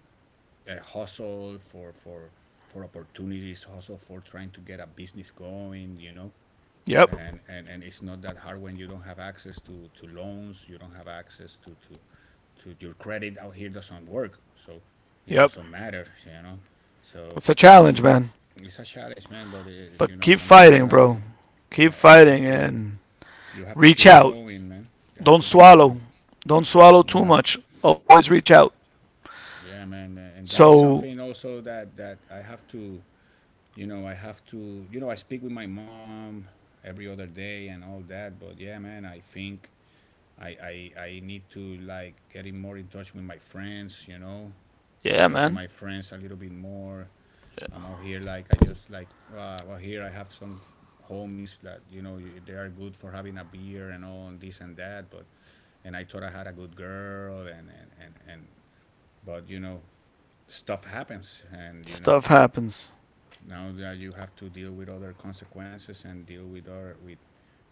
hustle for opportunities, hustle for trying to get a business going.
Yep,
And and it's not that hard when you don't have access to loans, you don't have access to your credit. Out here doesn't work, so it
yep.
doesn't matter, you know. So
It's a
it,
challenge, man.
it's a challenge, man, but, you know,
But keep
sometimes you
fighting,
have to.
bro. Keep
Yeah, you have
fighting
to,
and
keep
reach out.
going, man. You have to
Don't
keep going.
swallow. Don't swallow too
Yeah,
much. Always reach out.
yeah, man. And that is
So,
something also that that I have to, you know, I have to, you know, I speak with my mom every other day and all that. But yeah, man, I think I need to, like, getting more in touch with my friends. You know,
yeah,
talk
man.
to my friends a little bit more.
Yeah.
I'm out here, like, I just, like, well, here I have some homies that, you know, they are good for having a beer and all and this and that, but and I thought I had a good girl, and but, you know, stuff happens, and, you know,
Stuff happens.
now that you have to deal with other consequences and deal with other, with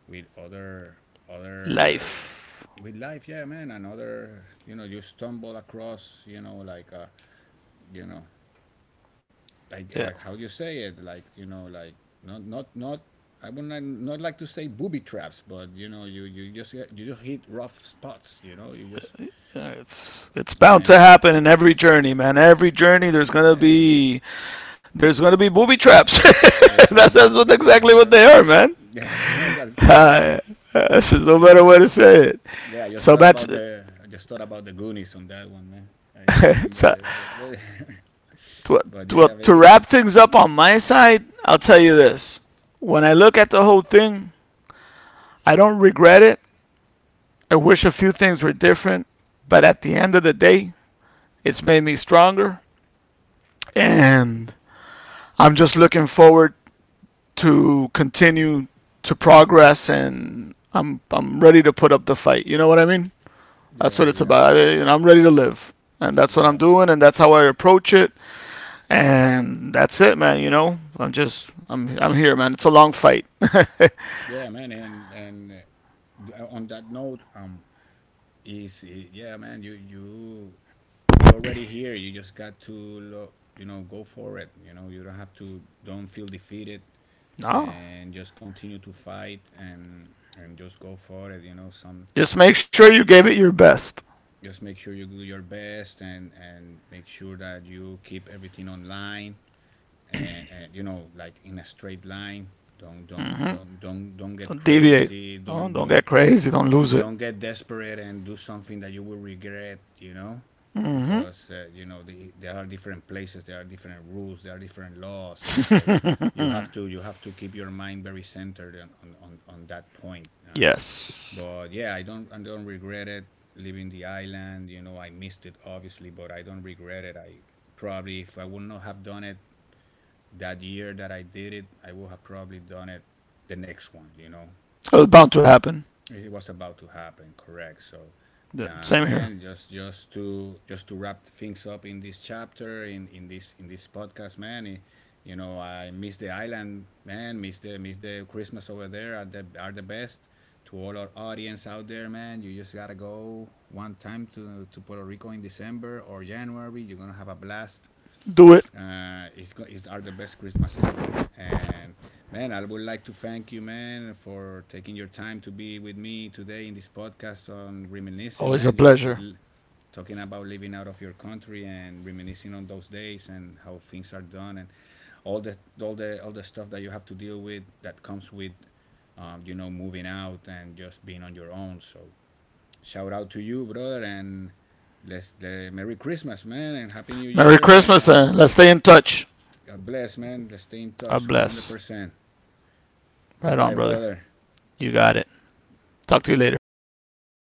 with other, other,
Life.
with life. Yeah, man, and other, you know, you stumble across, you know, like, you know, like,
Yeah.
how you say it, like, you know, like, not not not I would not like to say booby traps, but, you know, you just, you just hit rough spots, you know, you just.
Yeah, it's bound to
And
happen in every journey, man. Every journey
yeah,
there's going to be booby traps.
there's gonna be booby
Exactly
traps,
what
yeah,
they are,
man,
man.
yeah. That's correct,
Uh,
man.
this is no better
Yeah,
way to say it.
yeah, I just
So,
thought
man,
about the I just thought about the Goonies on that one, man. I remember
so
the
to,
But yeah, I
to
mean,
wrap things up on my side, I'll tell you this. When I look at the whole thing, I don't regret it. I wish a few things were different, but at the end of the day, it's made me stronger. And I'm just looking forward to continue to progress and I'm ready to put up the fight. You know what I mean? That's what
yeah,
it's
yeah,
about. I, you know, I'm ready to live. And that's what I'm
yeah.
doing and that's how I approach it. And that's it, man, you know. I'm just I'm here, man. It's a long fight.
Yeah, man, and on that note, is yeah, man, you're already here. You just got to go for it. You know, you don't have to. Don't feel defeated,
No.
and just continue to fight, and just go for it. You know, some
Just make sure you gave it your best.
just make sure you do your best, and make sure that you keep everything online and you know, like, in a straight line. Don't get
Don't deviate.
crazy. Don't
Don't
don't
get crazy. Don't lose it.
don't get desperate and do something that you will regret, you know, because, you know, there are different places, there are different rules, there are different laws, so you have to, keep your mind very centered on that point,
Yes.
but yeah, I don't regret it, leaving the island. You know, I missed it obviously, but I don't regret it. I probably, if I would not have done it that year that I did it, I would have probably done it the next one, you know.
It was
So
bound to happen.
it was about to happen, correct. So,
Yeah, same here.
man, just just to wrap things up in this chapter, in this podcast, you know, I miss the island, man. Miss the, Christmas over there are the best. To all our audience out there, man, you just gotta go one time to Puerto Rico in December or January, you're gonna have a blast.
Do it.
It's, are the best Christmas ever. And, man, I would like to thank you, man, for taking your time to be with me today in this podcast, on reminiscing,
Always a
man, just
pleasure.
talking about living out of your country and reminiscing on those days and how things are done, and all the stuff that you have to deal with that comes with, you know, moving out and just being on your own. So shout out to you, brother. And let's, Merry Christmas, man, and Happy New
Merry
Year,
Christmas
and
and let's stay in touch.
God bless, man. Let's stay in
God
touch.
bless.
100%.
Right on,
Goodbye,
brother.
brother.
You got it. Talk to you later.